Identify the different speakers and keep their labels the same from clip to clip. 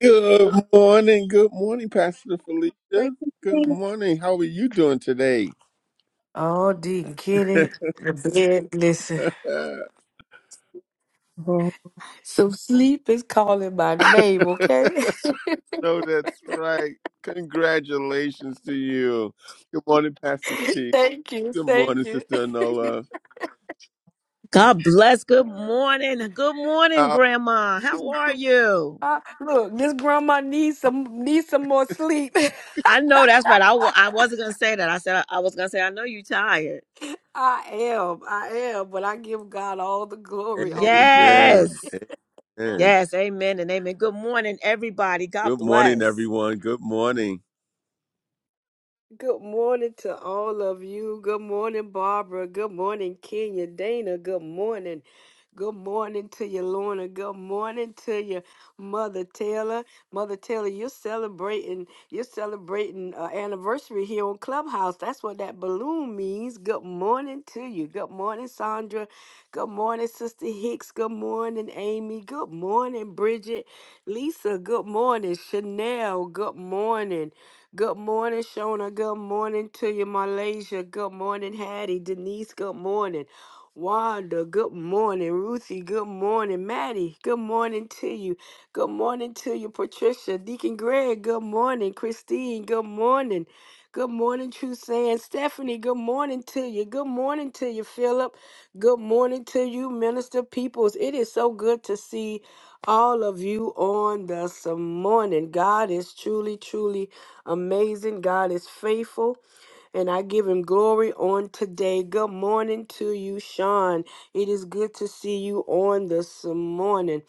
Speaker 1: Good morning. Good morning, Pastor
Speaker 2: Grace
Speaker 1: Felicia.
Speaker 2: and
Speaker 1: Good
Speaker 2: peace.
Speaker 1: morning. How are you doing today?
Speaker 3: Oh, didn't get it. The bed, listen.
Speaker 1: no, Oh,
Speaker 3: Some sleep is calling my name, okay?
Speaker 1: no, that's right. Congratulations to you. Good morning, Pastor T.
Speaker 3: thank you,
Speaker 1: Good
Speaker 3: thank
Speaker 1: morning,
Speaker 3: you.
Speaker 1: Sister Anola.
Speaker 4: God bless. Good morning. Good morning,
Speaker 1: Oh,
Speaker 4: Grandma. How are you?
Speaker 3: Uh, look, this grandma needs some needs some more sleep.
Speaker 4: I know that's right. I, wa- I wasn't going to say that. I said, I was going to say, I know you're tired.
Speaker 3: I am, I am, but I give God all the glory, all the glory.
Speaker 4: Yes.
Speaker 1: amen. Amen.
Speaker 4: Yes. Amen and amen. Good morning, everybody. God
Speaker 1: Good morning,
Speaker 4: bless.
Speaker 1: everyone. Good morning.
Speaker 3: Good morning to all of you. Good morning, Barbara. Good morning, Kenya. Dana, good morning. Good morning to you, Lorna. Good morning to you, Mother Taylor. Mother Taylor, you're celebrating. You're celebrating uh, anniversary here on Clubhouse. That's what that balloon means. Good morning to you. Good morning, Sandra. Good morning, Sister Hicks. Good morning, Amy. Good morning, Bridget. Lisa. Good morning, Chanel. Good morning. Good morning, Shona. Good morning to you, Malaysia. Good morning, Hattie. Denise. Good morning. Wanda, good morning. Ruthie, good morning. Maddie, good morning to you. Good morning to you, Patricia. Deacon Greg, good morning. Christine, good morning. Good morning, True Saying. Stephanie, good morning to you. Good morning to you, Philip. Good morning to you, Minister Peoples. It is so good to see all of you on this morning. God is truly, truly amazing. God is faithful. And I give him glory on today. Good morning to you, Sean. It is good to see you on this morning.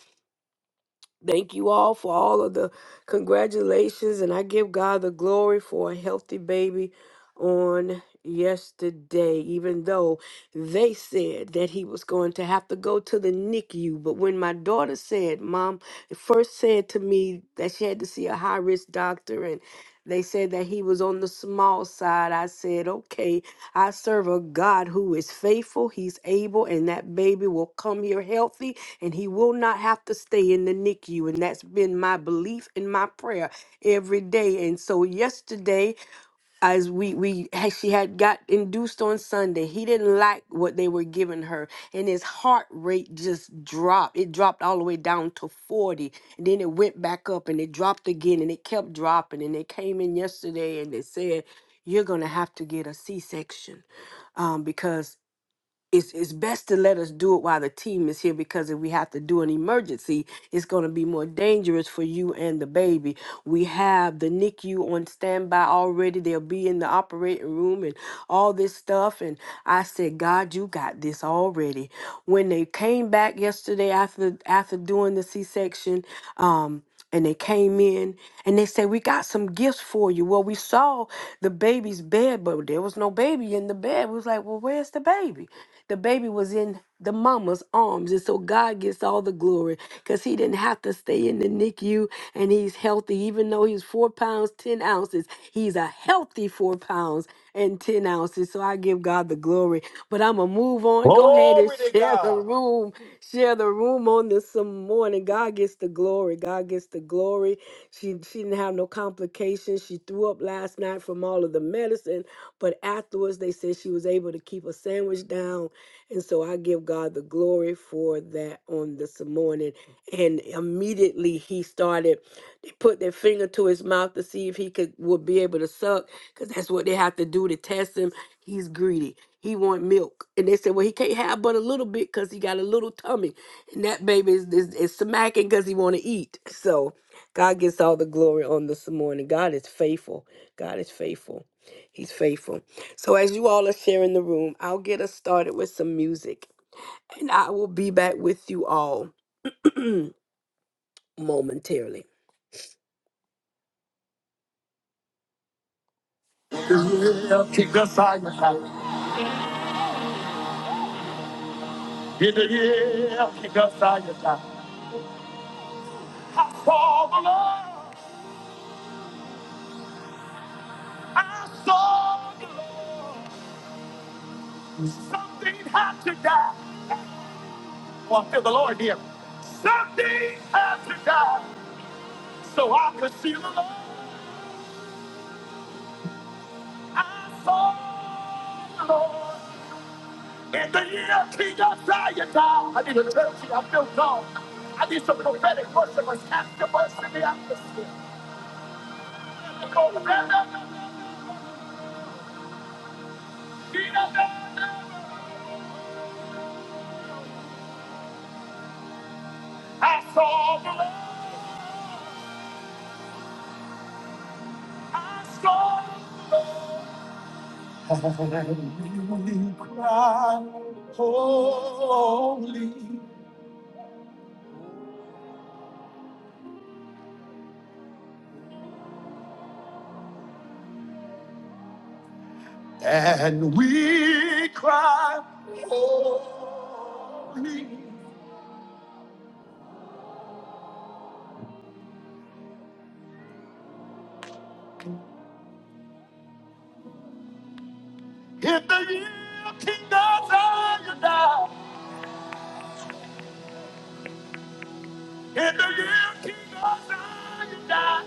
Speaker 3: Thank you all for all of the congratulations. And I give God the glory for a healthy baby on yesterday, even though they said that he was going to have to go to the NICU. But when my daughter said, Mom, first said to me that she had to see a high risk doctor and they said that he was on the small side. I said, okay, I serve a God who is faithful, He's able, and that baby will come here healthy and he will not have to stay in the NICU. And that's been my belief and my prayer every day. And so, yesterday, as we we had- she had got induced on Sunday. He didn't like what they were giving her, and his heart rate just dropped. It dropped all the way down to forty, and then it went back up, and it dropped again, and it kept dropping. And they came in yesterday, and they said, "You're gonna have to get a C-section, um, because." it's it's best to let us do it while the team is here because if we have to do an emergency, it's going to be more dangerous for you and the baby. We have the NICU on standby already. They'll be in the operating room and all this stuff. And I said, God, you got this already. When they came back yesterday after after doing the C-section, um, and they came in and they said, We got some gifts for you. Well, we saw the baby's bed, but there was no baby in the bed. We was like, Well, where's the baby? The baby was in the mama's arms. And so God gets all the glory because he didn't have to stay in the NICU and he's healthy. Even though he's four pounds, 10 ounces, he's a healthy four pounds and 10 ounces. So I give God the glory. But I'm going to move on. Go ahead and
Speaker 5: Glory to
Speaker 3: share the
Speaker 5: God.
Speaker 3: room. Share the room on this some morning. God gets the glory the glory. God gets the glory. She she didn't have no complications. She threw up last night from all of the medicine, but afterwards they said she was able to keep a sandwich down. And so I give God the glory for that on this morning. And immediately he started, they put their finger to his mouth to see if he could would be able to suck, because that's what they have to do to test him. He's greedy. He want milk. And they said, well, he can't have but a little bit because he got a little tummy. And that baby is, is, is smacking because he want to eat. So God gets all the glory on this morning. God is faithful. God is faithful. He's faithful. So as you all are sharing the room, I'll get us started with some music. And I will be back with you all momentarily. Yeah, kick us out your time. Yeah, yeah, kick us out your time. I saw the Lord. I saw the Lord. Something had to die. Oh, I feel the Lord here. Something had to die so I could see the Lord. I saw the Lord in the year King Uzziah died. I need a church here. I feel God. I need some prophetic worshipers. Cast your voice in the atmosphere. Go, Brenda. I saw the Lord. I saw the Lord. I will cry holy, and we cry holy. In the year King of Zion died, in the year King of Zion died,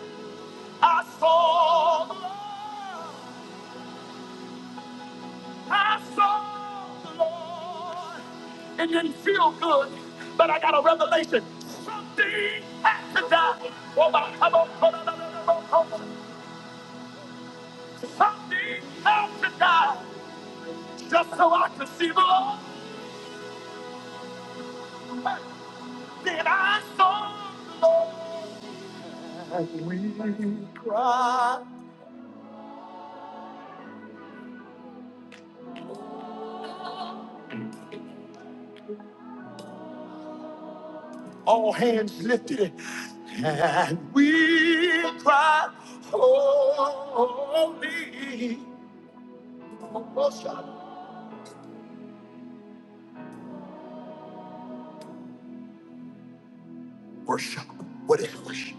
Speaker 3: I saw the Lord. I saw the Lord. It didn't feel good, but I got a revelation. Something had to die. Oh, my, come on, come on, come on, come on. Something had to die just so I could see the Lord. Then I saw the Lord. And we cried. All hands lifted. And we cried, Holy. Worship. What is worship?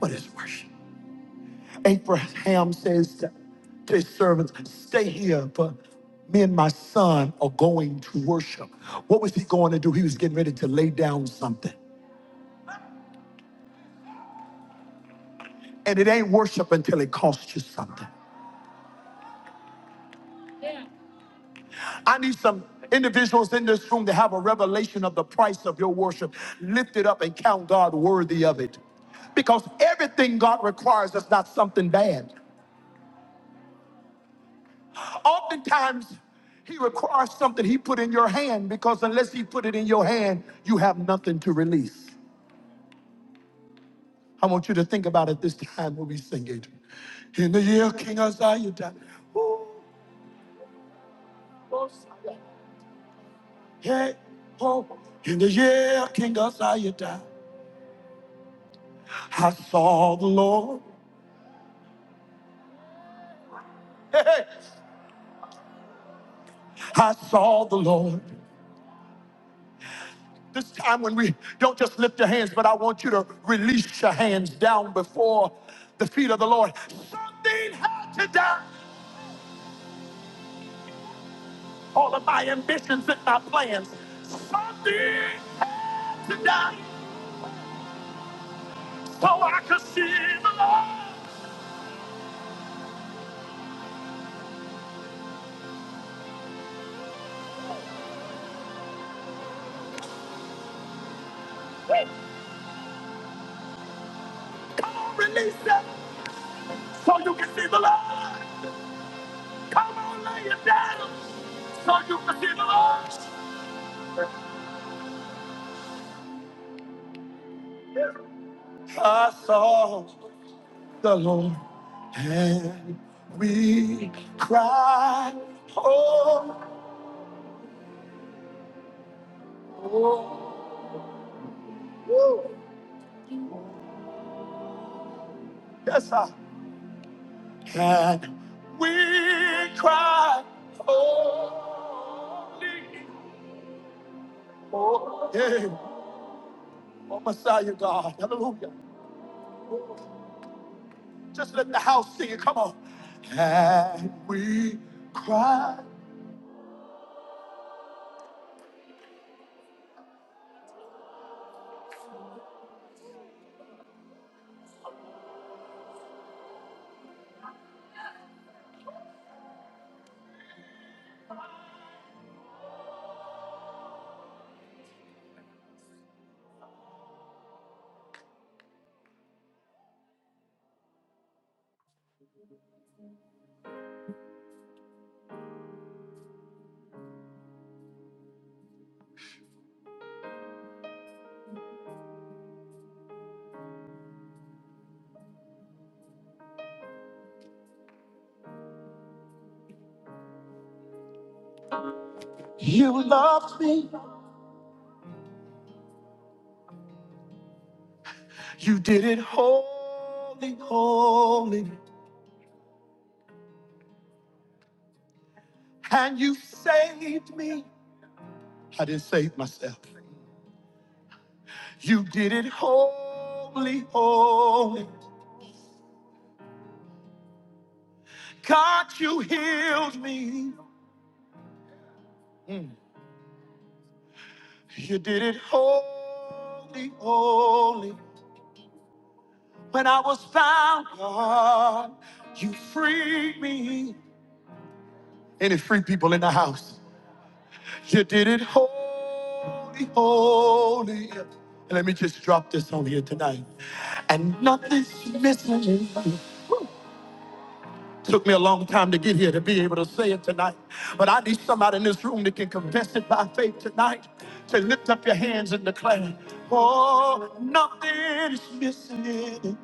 Speaker 3: What is worship? Abraham says to to his servants, Stay here, for me and my son are going to worship. What was he going to do? He was getting ready to lay down something. And it ain't worship until it costs you something. I need some individuals in this room to have a revelation of the price of your worship. Lift it up and count God worthy of it. Because everything God requires is not something bad. Oftentimes, he requires something he put in your hand because unless he put it in your hand, you have nothing to release. I want you to think about it this time when we sing it. In the year King Uzziah died. Ooh, Uzziah. Hey, oh. In the year King Uzziah died, I saw the Lord. Hey, hey. I saw the Lord. This time when we don't just lift your hands, but I want you to release your hands down before the feet of the Lord. Something had to die. All of my ambitions and my plans. Something had to die so I could see the Lord. Come on, release it so you can see the Lord. Come on, lay it down so you can see the Lord. I saw. the Lord, and we cry, oh, woo, yes, sir. And we cry, holy, oh, yeah, oh, Messiah God, hallelujah. Just let the house sing it, come on. And we cry, you loved me, you did it holy, holy, and you saved me. I didn't save myself. You did it holy, holy. God, you healed me. Mm. You did it holy, holy. When I was found, God, you freed me. Any free people in the house? You did it holy, holy. And let me just drop this on here tonight. And nothing's missing. Took me a long time to get here to be able to say it tonight. But I need somebody in this room that can confess it by faith tonight to lift up your hands and declare, Oh, nothing is missing. in me.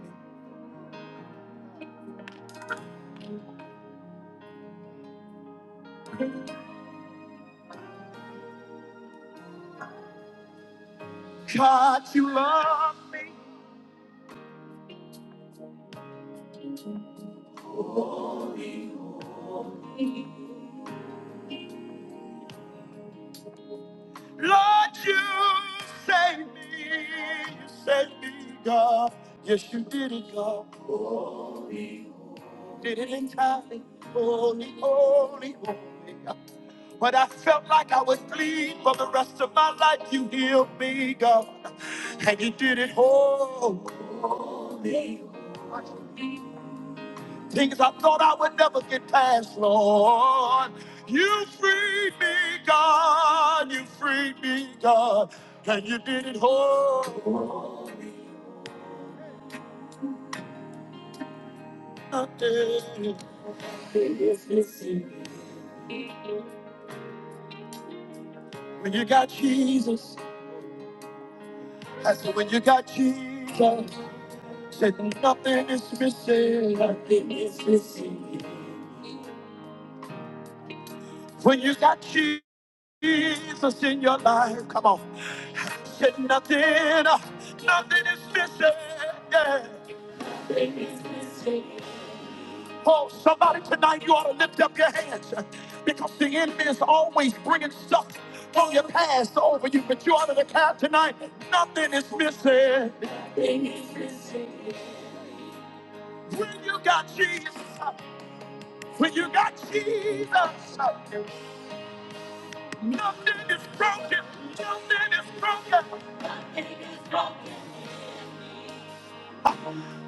Speaker 3: God, you love me. Lord, you saved me. You saved me, God. Yes, you did it, God. didn't I? Holy, holy, holy. When I felt like I was bleeding for the rest of my life, you healed me, God. And you did it holy. Things I thought I would never get past, Lord. You freed me, God. You freed me, God. And you did it holy. When you got Jesus. I said, when you got Jesus, said nothing is missing. Nothing is missing. When you got Jesus in your life, come on. Said nothing, uh, nothing is missing. Yeah. Nothing is missing. Oh, somebody tonight, you ought to lift up your hands because the enemy is always bringing stuff from your past over you. But you ought to declare tonight, nothing is missing. Nothing is missing. When you got Jesus. When you got Jesus, nothing is broken. Nothing is broken. Nothing is broken.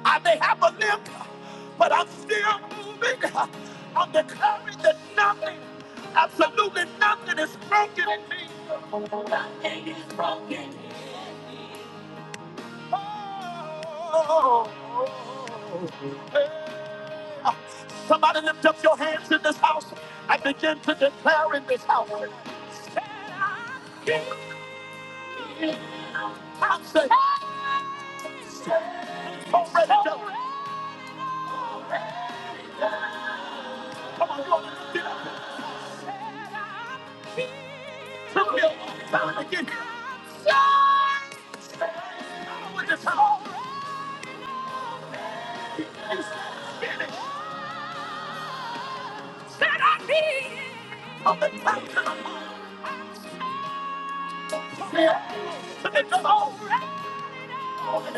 Speaker 3: I may have a limp, but I'm still moving. I'm declaring that nothing, absolutely nothing is broken in me. Nothing is broken. Oh. Hey, Somebody lift up your hands in this house I begin to declare in this house. Said I give you access. It's already done. Come on, you ought to lift it up. Took me a long time to get here. Said I would just have- He said, "Finish." Said I did. Of the time to the- Said, "It's already done." It's alright.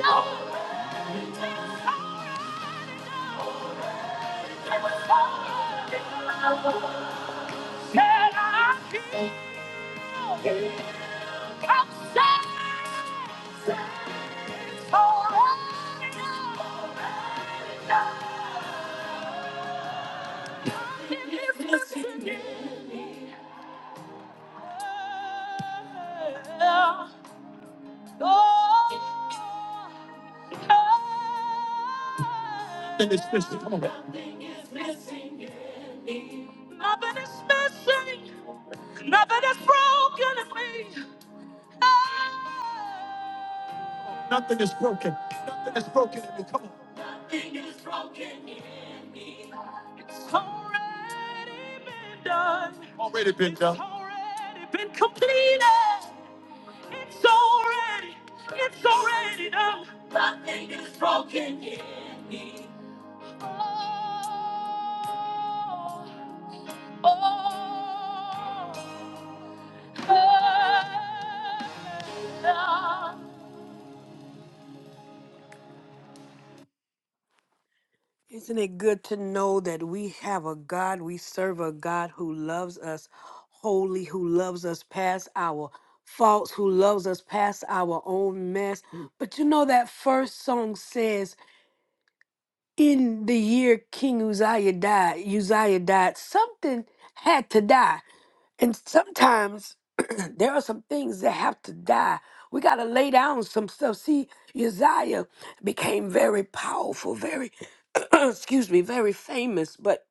Speaker 3: No. It's alright. No. Nothing is missing. Come on. Nothing is broken. Nothing is broken in me. Come on. Nothing is broken in me. Already been done. Already been done. It's already been completed. It's already, it's already done. Nothing is broken yet. Oh, oh. Isn't it good to know that we have a God, we serve a God who loves us wholly, who loves us past our faults, who loves us past our own mess? Mm. But you know, that first song says, In the year King Uzziah died, Uzziah died, something had to die. And sometimes there are some things that have to die. We got to lay down some stuff. See, Uzziah became very powerful, very, excuse me, very famous, but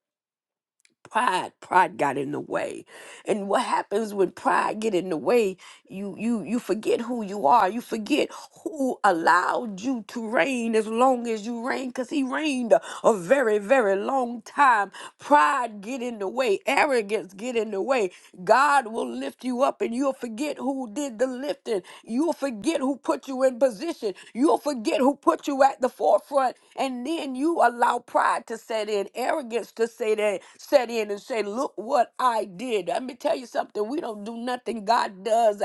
Speaker 3: pride pride got in the way and what happens when pride get in the way you you you forget who you are you forget who allowed you to reign as long as you reigned because he reigned a, a very very long time pride get in the way arrogance get in the way God will lift you up and you'll forget who did the lifting. You'll forget who put you in position. You'll forget who put you at the forefront. And then you allow pride to set in, arrogance to say that, set in and say, look what I did. Let me tell you something. We don't do nothing God does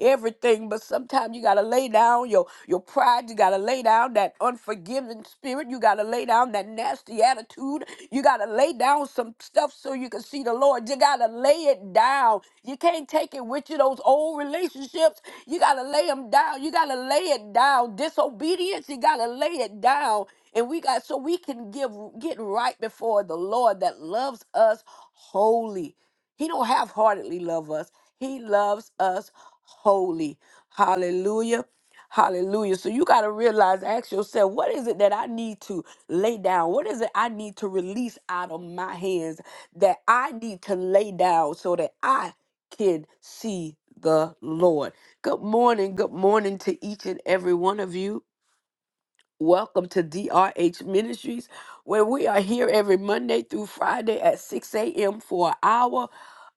Speaker 3: everything. But sometimes you gotta lay down your your pride. You gotta lay down that unforgiving spirit. You gotta lay down that nasty attitude. You gotta lay down some stuff so you can see the Lord. You gotta lay it down. You can't take it with you. Those old relationships, you gotta lay them down. You gotta lay it down. Disobedience, you gotta lay it down. And we got so we can give get right before the Lord that loves us wholly. He don't half-heartedly love us. He loves us wholly. Hallelujah. Hallelujah. So you got to realize, ask yourself, what is it that I need to lay down? What is it I need to release out of my hands that I need to lay down so that I can see the Lord? Good morning. Good morning to each and every one of you. Welcome to DRH Ministries, where we are here every Monday through Friday at 6 a.m. for an hour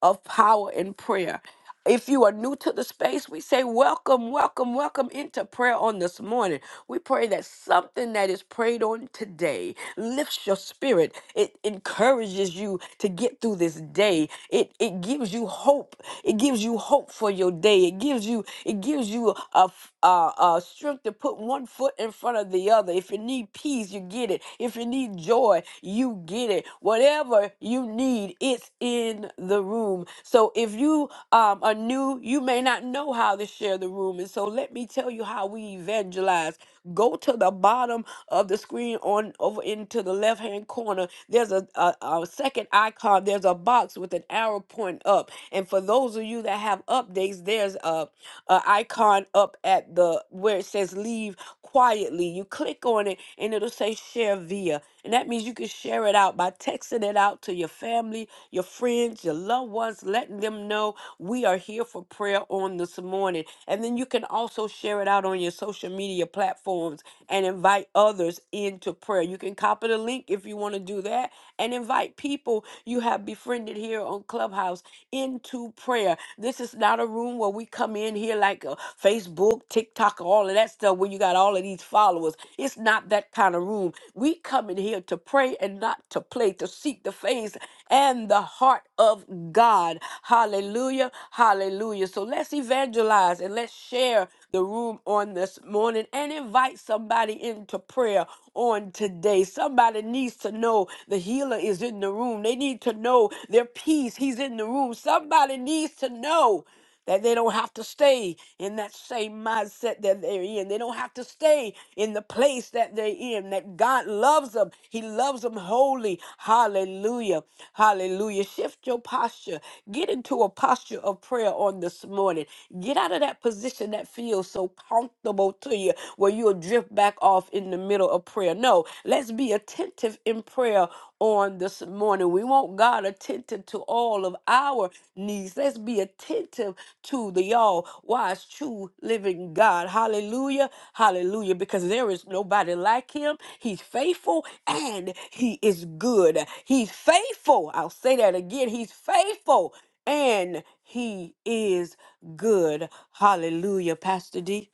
Speaker 3: of power and prayer. If you are new to the space, we say welcome, welcome, welcome into prayer on this morning. We pray that something that is prayed on today lifts your spirit. It encourages you to get through this day. It it gives you hope. It gives you hope for your day. It gives you it gives you a, f- uh, uh, strength to put one foot in front of the other. If you need peace, you get it. If you need joy, you get it. Whatever you need, it's in the room. So if you um, are new, you may not know how to share the room. And so let me tell you how we evangelize. Go to the bottom of the screen on over into the left hand corner. There's a, a, a second icon. There's a box with an arrow pointing up. And for those of you that have have updates, there's a, a icon up at the where it says leave quietly. You click on it and it'll say share via. And that means you can share it out by texting it out to your family, your friends, your loved ones, letting them know we are here for prayer on this morning. And then you can also share it out on your social media platforms and invite others into prayer. You can copy the link if you want to do that and invite people you have befriended it here on Clubhouse into prayer. This is not a room where we come in here like uh, Facebook, TikTok, all of that stuff where you got all of these followers. It's not that kind of room. We come in here to pray and not to play, to seek the face and the heart of God. Hallelujah. Hallelujah. So let's evangelize and let's share the room on this morning and invite somebody into prayer on today. Somebody needs to know know the healer is in the room. They need to know their peace. He's in the room. Somebody needs to know that they don't have to stay in that same mindset that they're in. They don't have to stay in the place that they're in. That God loves them. He loves them wholly. Hallelujah. Hallelujah. Shift your posture. Get into a posture of prayer on this morning. Get out of that position that feels so comfortable to you where you'll drift back off in the in the middle of prayer. No, let's be attentive in prayer on this morning. We want God attentive to all of our needs. Let's be attentive to the all wise, true, living God. Hallelujah. Hallelujah. Because there is nobody like him. He's faithful and he is good. He's faithful. I'll say that again. He's faithful and he is good. Hallelujah. Pastor D.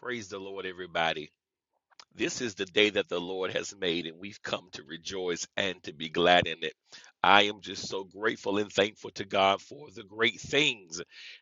Speaker 5: Praise the Lord, everybody. This is the day that the Lord has made, and we've come to rejoice and to be glad in it. I am just so grateful and thankful to God for the great things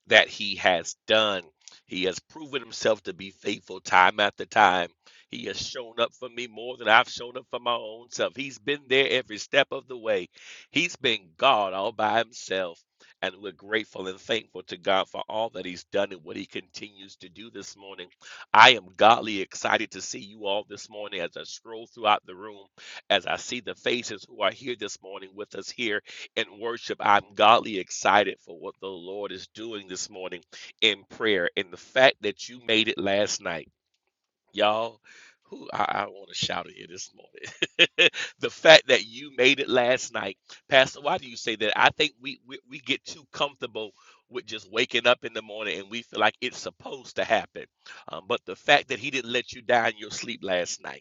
Speaker 5: that He has done. He has proven Himself to be faithful time after time. He has shown up for me more than I've shown up for my own self. He's been there every step of the way. He's been God all by Himself. And we're grateful and thankful to God for all that He's done and what He continues to do this morning. I am godly excited to see you all this morning as I stroll throughout the room, as I see the faces who are here this morning with us here in worship. I'm godly excited for what the Lord is doing this morning in prayer and the fact that you made it last night y'all who i, I want to shout at you this morning the fact that you made it last night pastor why do you say that i think we, we we get too comfortable with just waking up in the morning and we feel like it's supposed to happen um, but the fact that he didn't let you die in your sleep last night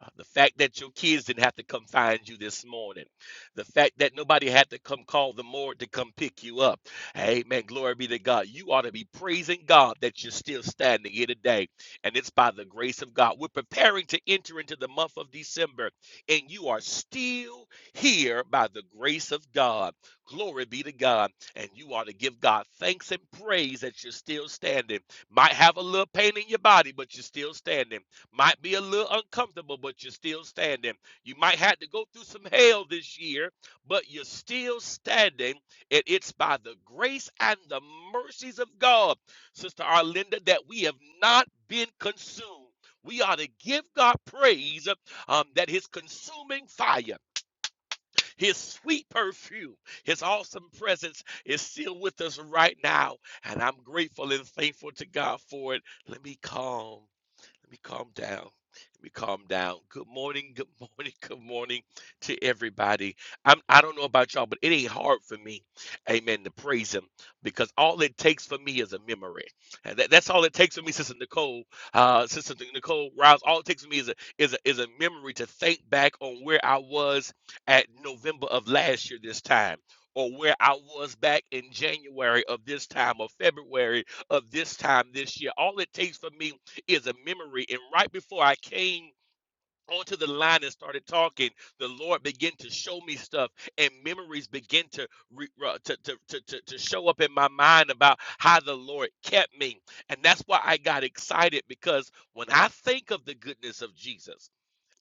Speaker 5: uh, The fact that your kids didn't have to come find you this morning. The fact that nobody had to come call the morgue to come pick you up. Amen. Glory be to God. You ought to be praising God that you're still standing here today. And it's by the grace of God. We're preparing to enter into the month of December, and you are still here by the grace of God. Glory be to God. And you ought to give God thanks and praise that you're still standing. Might have a little pain in your body, but you're still standing might be a little uncomfortable, but you're still standing. You might have to go through some hell this year, but you're still standing. And it's by the grace and the mercies of God, Sister Arlinda, that we have not been consumed. We ought to give God praise um, that His consuming fire, His sweet perfume, His awesome presence is still with us right now. And I'm grateful and thankful to God for it. Let me calm let me calm down. Let me calm down. Good morning. Good morning. Good morning to everybody. I'm, I don't know about y'all, but it ain't hard for me, amen, to praise him because all it takes for me is a memory. And that, that's all it takes for me, Sister Nicole, uh, Sister Nicole Rouse. All it takes for me is a, is a is a memory to think back on where I was at November of last year this time. Or where I was back in January of this time or February of this time this year. All it takes for me is a memory. And right before I came onto the line and started talking, the Lord began to show me stuff, and memories begin to re, uh, to, to, to to to show up in my mind about how the Lord kept me. And that's why I got excited because when I think of the goodness of Jesus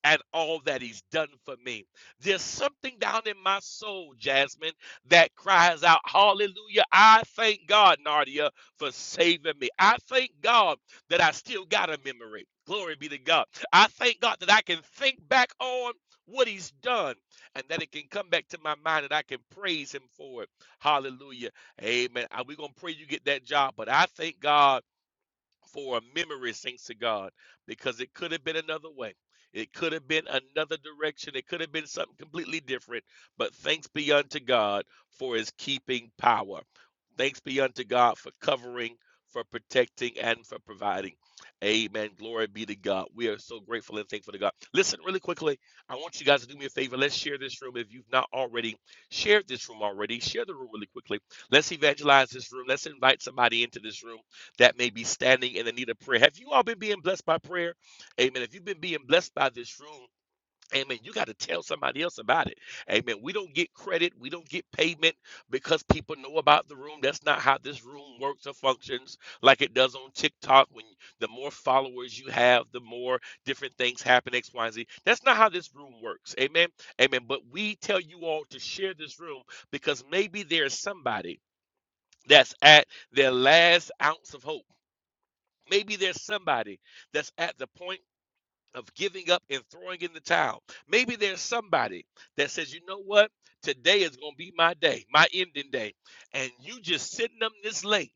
Speaker 5: at all that he's done for me. There's something down in my soul, Jasmine, that cries out, Hallelujah. I thank God, Nadia, for saving me. I thank God that I still got a memory. Glory be to God. I thank God that I can think back on what he's done and that it can come back to my mind and I can praise him for it. Hallelujah. Amen. We're going to pray you get that job, but I thank God for a memory, thanks to God, because it could have been another way. It could have been another direction. It could have been something completely different. But thanks be unto God for his keeping power. Thanks be unto God for covering, for protecting, and for providing. Amen. Glory be to God. We are so grateful and thankful to God. Listen, really quickly, I want you guys to do me a favor. Let's share this room. If you've not already shared this room already, share the room really quickly. Let's evangelize this room. Let's invite somebody into this room that may be standing in the need of prayer. Have you all been being blessed by prayer? Amen. If you've been being blessed by this room, Amen. You got to tell somebody else about it. Amen. We don't get credit. We don't get payment because people know about the room. That's not how this room works or functions like it does on TikTok. When the more followers you have, the more different things happen, X, Y, and Z. That's not how this room works. Amen. Amen. But we tell you all to share this room because maybe there's somebody that's at their last ounce of hope Maybe there's somebody that's at the point of giving up and throwing in the towel. Maybe there's somebody that says, you know what? Today is going to be my day, my ending day. And you just send them this link.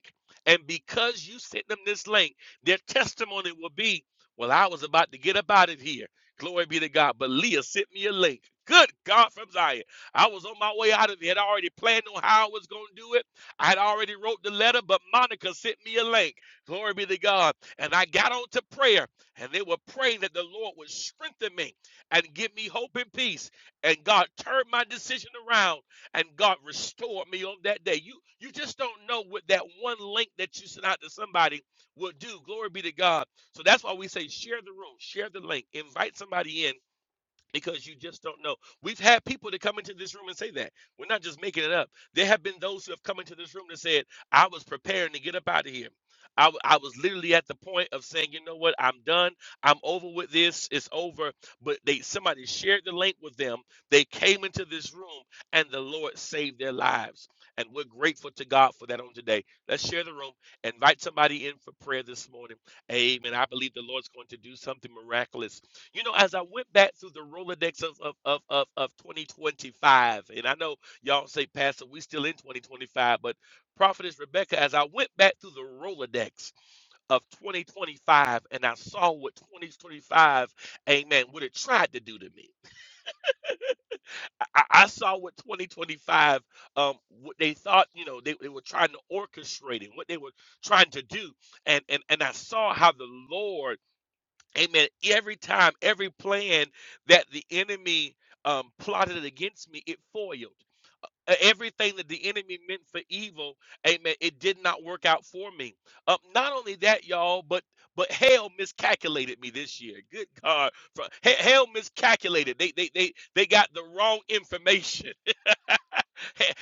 Speaker 5: And because you send them this link, their testimony will be, well, I was about to get up out of here. Glory be to God. But Leah sent me a link. Good God from Zion. I was on my way out of here. i already planned on how I was going to do it. i had already wrote the letter, but Monica sent me a link. Glory be to God. And I got on to prayer and they were praying that the Lord would strengthen me and give me hope and peace. And God turned my decision around and God restored me on that day. You you just don't know what that one link that you sent out to somebody will do. Glory be to God. So that's why we say share the room, share the link, invite somebody in because you just don't know. We've had people that come into this room and say that. We're not just making it up. There have been those who have come into this room that said, I was preparing to get up out of here. I, w- I was literally at the point of saying, you know what, I'm done. I'm over with this. It's over. But they somebody shared the link with them. They came into this room and the Lord saved their lives. And we're grateful to God for that on today. Let's share the room. Invite somebody in for prayer this morning. Amen. I believe the Lord's going to do something miraculous you know, as I went back through the Rolodex of of of of, of 2025, and I know y'all say, Pastor, we still in 2025, but Prophetess Rebecca, as I went back through the Rolodex of 2025, and I saw what 2025, Amen, would have tried to do to me. I, I I saw what 2025, um, what they thought, you know, they, they were trying to orchestrate and what they were trying to do, and and and I saw how the Lord Amen. Every time, every plan that the enemy um, plotted against me, it foiled. E- Everything that the enemy meant for evil, amen, it did not work out for me. Um, not only that, y'all, but but hell miscalculated me this year. Good God, hell miscalculated. They they they they got the wrong information.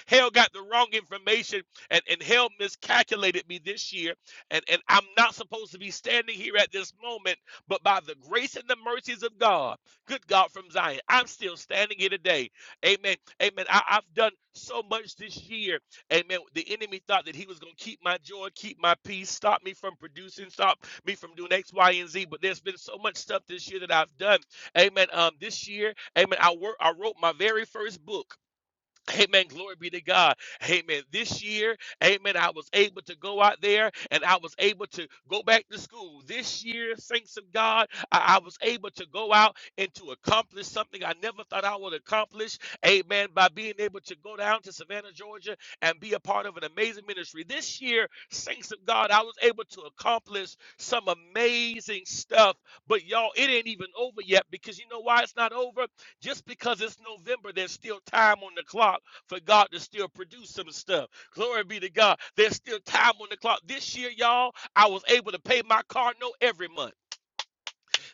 Speaker 5: Hell got the wrong information and, and hell miscalculated me this year. And, and I'm not supposed to be standing here at this moment, but by the grace and the mercies of God, good God from Zion, I'm still standing here today. Amen. Amen. I, I've done so much this year. Amen. The enemy thought that he was going to keep my joy, keep my peace, stop me from producing, stop me from doing X, Y, and Z. But there's been so much stuff this year that I've done. Amen. Um, this year, amen. I work. I wrote my very first book. Amen. Glory be to God. Amen. This year, amen, I was able to go out there and I was able to go back to school. This year, thanks to God, I, I was able to go out and to accomplish something I never thought I would accomplish. Amen. By being able to go down to Savannah, Georgia and be a part of an amazing ministry. This year, thanks to God, I was able to accomplish some amazing stuff. But y'all, it ain't even over yet because you know why it's not over? Just because it's November, there's still time on the clock for God to still produce some stuff. Glory be to God. There's still time on the clock. This year, y'all, I was able to pay my car note every month.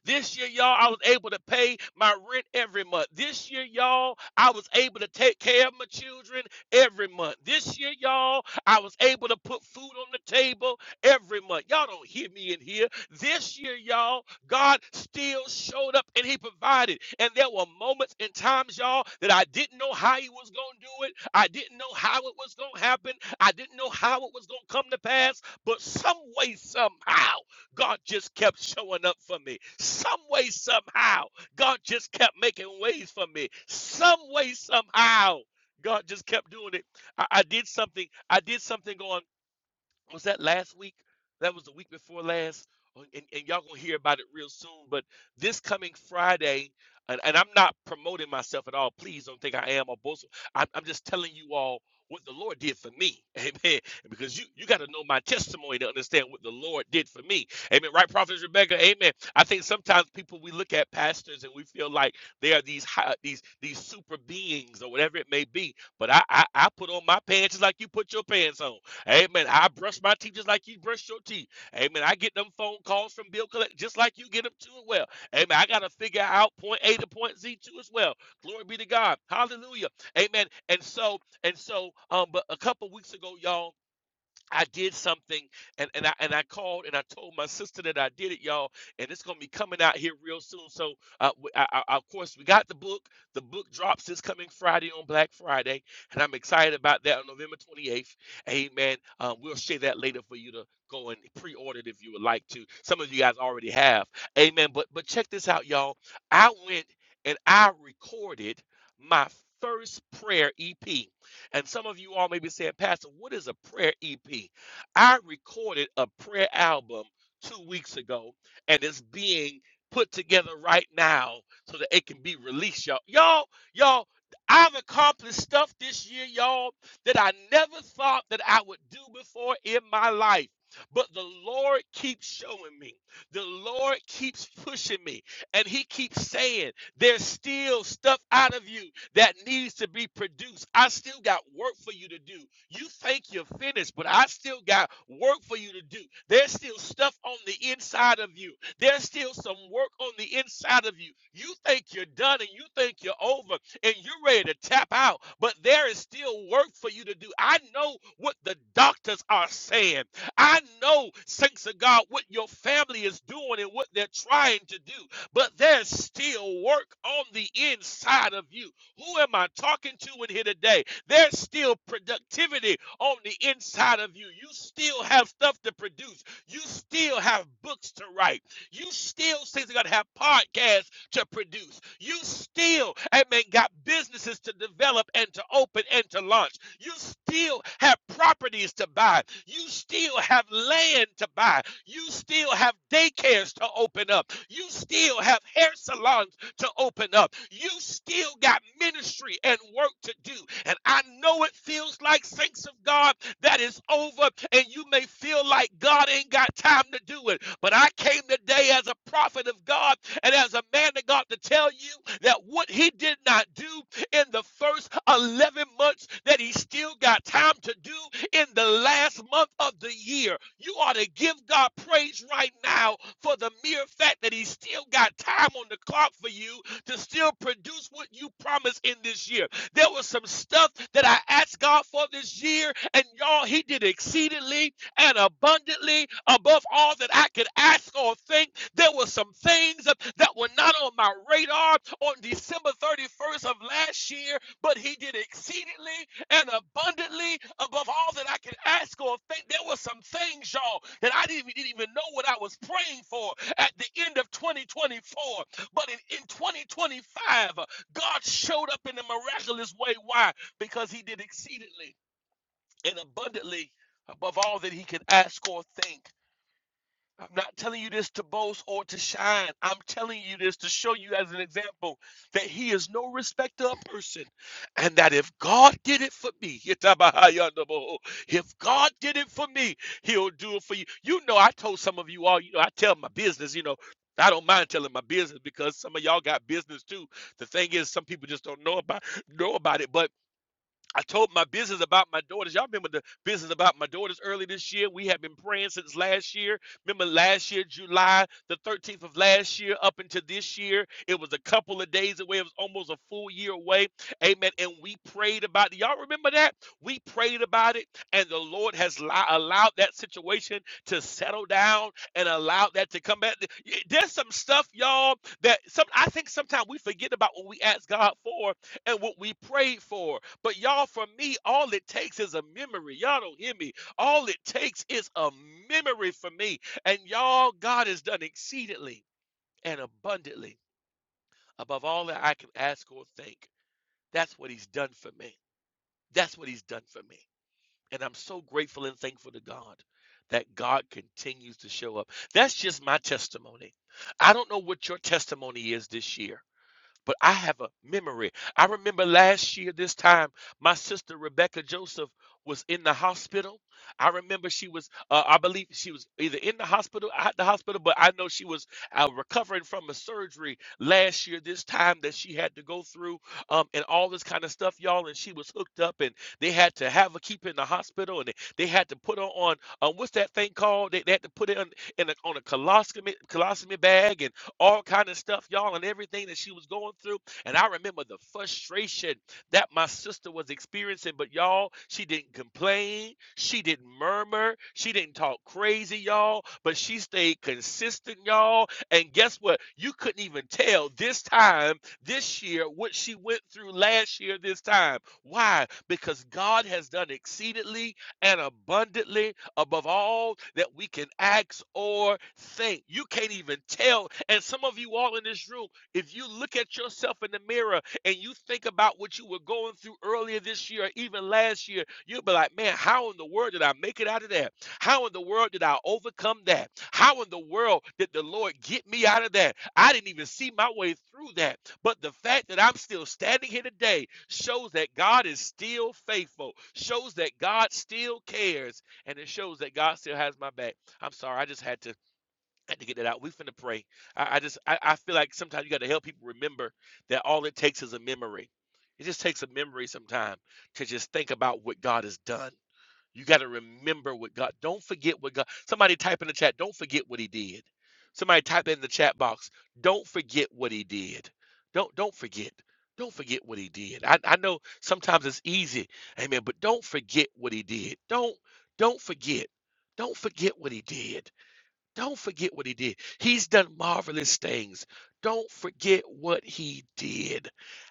Speaker 5: This year, y'all, I was able to pay my rent every month. This year, y'all, I was able to take care of my children every month. This year, y'all, I was able to put food on the table every month. Y'all don't hear me in here. This year, y'all, God still showed up and He provided. And there were moments and times, y'all, that I didn't know how He was going to do it. I didn't know how it was going to happen. I didn't know how it was going to come to pass. But some way, somehow, God just kept showing up for me. Some way, somehow, God just kept making ways for me. Some way, somehow, God just kept doing it. I, I did something. I did something on was that last week? That was the week before last, Oh, and, and y'all gonna hear about it real soon. But this coming Friday, and, and I'm not promoting myself at all. Please don't think I am or boast. I'm, I'm just telling you all what the Lord did for me, Amen. Because you you got to know my testimony to understand what the Lord did for me, Amen. Right, Prophet Rebecca, Amen. I think sometimes people we look at pastors and we feel like they are these high, these these super beings or whatever it may be. But I, I I put on my pants just like you put your pants on. Amen. I brush my teeth just like you brush your teeth. Amen. I get them phone calls from bill collector just like you get them too as well. Amen. I got to figure out point A to point Z too as well. Glory be to God. Hallelujah. Amen. And so and so um, but a couple weeks ago, y'all. I did something and, and I and I called and I told my sister that I did it, y'all, and it's gonna be coming out here real soon. So uh, w- I, I- I- of course we got the book. The book drops this coming Friday on Black Friday, and I'm excited about that on November 28th. Amen. Um, we'll share that later for you to go and pre-order it if you would like to. Some of you guys already have. Amen. But but check this out, y'all. I went and I recorded my first prayer EP. And some of you all may be saying, Pastor, what is a prayer EP? I recorded a prayer album two weeks ago, and it's being put together right now so that it can be released, y'all. Y'all, y'all, I've accomplished stuff this year, y'all, that I never thought that I would do before in my life. But the Lord keeps showing me. The Lord keeps pushing me. And He keeps saying, There's still stuff out of you that needs to be produced. I still got work for you to do. You think you're finished, but I still got work for you to do. There's still stuff on the inside of you. There's still some work on the inside of you. You think you're done and you think you're over and you're ready to tap out, but there is still work for you to do. I know what the doctors are saying. I know, thanks to God, what your family is doing and what they're trying to do, but there's still work on the inside of you. Who am I talking to in here today? There's still productivity on the inside of you. You still have stuff to produce. You still have books to write. You still, saints got to have podcasts to produce. You still, amen, got businesses to develop and to open and to launch. You still have properties to buy. You still have land to buy. You still have daycares to open up. You still have hair salons to open up. You still got ministry and work to do. And I know it feels like saints of God that is over, and you may feel like God ain't got time to do it. But I came today as a prophet of God and as a man of God to tell you that what he did not do in the first 11 months that he still got time to do, in the last month of the year. You ought to give God praise right now for the mere fact that He still got time on the clock for you to still produce what you promised in this year. There was some stuff that I asked God for this year, and y'all, He did exceedingly and abundantly above all that I could ask or think. There were some things that were not on my radar on December 31st of last year, but He did exceedingly and abundantly above all that I can ask or think. There were some things, y'all, that I didn't even, didn't even know what I was praying for at the end of 2024. But in, in 2025, uh, God showed up in a miraculous way. Why? Because He did exceedingly and abundantly above all that He could ask or think. I'm not telling you this to boast or to shine. I'm telling you this to show you as an example that he is no respecter of person. And that if God did it for me, Yitabahayandaboho, if God did it for me, he'll do it for you. You know, I told some of you all, you know, I tell my business, you know, I don't mind telling my business because some of y'all got business too. The thing is, some people just don't know about know about it. But I told my business about my daughters. Y'all remember the business about my daughters early this year? We have been praying since last year. Remember last year, July the 13th of last year, up until this year, it was a couple of days away. It was almost a full year away. Amen. And we prayed about it. Y'all remember that? We prayed about it, and the Lord has li- allowed that situation to settle down and allowed that to come back. There's some stuff, y'all, that some I think sometimes we forget about when we ask God for and what we prayed for. But y'all, for me, all it takes is a memory. Y'all don't hear me. All it takes is a memory for me. And y'all, God has done exceedingly and abundantly above all that I can ask or think. That's what He's done for me. That's what He's done for me. And I'm so grateful and thankful to God that God continues to show up. That's just my testimony. I don't know what your testimony is this year. But I have a memory. I remember last year, this time, my sister Rebecca Joseph was in the hospital. I remember she was, uh, I believe she was either in the hospital, at the hospital, but I know she was uh, recovering from a surgery last year, this time that she had to go through, um, and all this kind of stuff, y'all. And she was hooked up, and they had to have her keep in the hospital, and they, they had to put her on, uh, what's that thing called? They, they had to put it on, in a, on a colostomy, colostomy bag, And all kind of stuff, y'all, and everything that she was going through. And I remember the frustration that my sister was experiencing, but y'all, she didn't complain, she didn't murmur, she didn't talk crazy, y'all, but she stayed consistent, y'all. And guess what? You couldn't even tell this time, this year, what she went through last year, this time. Why? Because God has done exceedingly and abundantly above all that we can ask or think. You can't even tell. And some of you all in this room, if you look at yourself in the mirror and you think about what you were going through earlier this year or even last year, you'll be like, man, how in the world did I make it out of that? How in the world did I overcome that? How in the world did the Lord get me out of that? I didn't even see my way through that. But the fact that I'm still standing here today shows that God is still faithful, shows that God still cares and it shows that God still has my back. I'm sorry, I just had to had to get that out. We finna pray. I, I just I, I feel like sometimes you got to help people remember that all it takes is a memory. It just takes a memory sometime to just think about what God has done. You got to remember what God. Don't forget what God. Somebody type in the chat. Don't forget what He did. Somebody type in the chat box. Don't forget what He did. Don't don't forget. Don't forget what He did. I, I know sometimes it's easy, Amen. But don't forget what He did. Don't don't forget. Don't forget what He did. Don't forget what he did. He's done marvelous things. Don't forget what he did.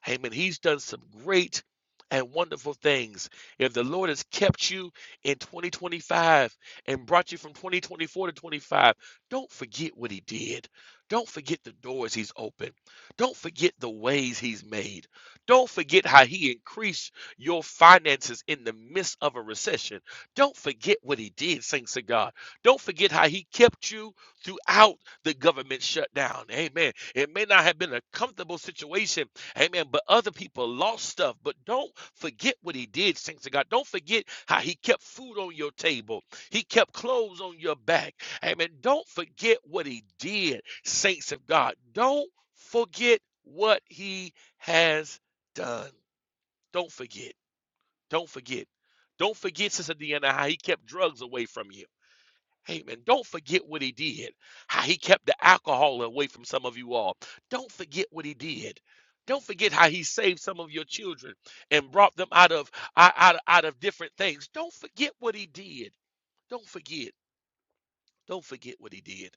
Speaker 5: Amen. He's done some great and wonderful things. If the Lord has kept you in 2025 and brought you from 2024 to 25, don't forget what he did. Don't forget the doors he's opened. Don't forget the ways he's made. Don't forget how he increased your finances in the midst of a recession. Don't forget what he did, saints of God. Don't forget how he kept you throughout the government shutdown. Amen. It may not have been a comfortable situation. Amen. But other people lost stuff. But don't forget what he did, saints of God. Don't forget how he kept food on your table. He kept clothes on your back. Amen. Don't forget what he did, saints of God. Don't forget what he has done. Don't forget. Don't forget. Don't forget, Sister Deanna, how he kept drugs away from you. Hey man, Don't forget what he did, how he kept the alcohol away from some of you all. Don't forget what he did. Don't forget how he saved some of your children and brought them out of out, out, of different things. Don't forget what he did. Don't forget. Don't forget what he did.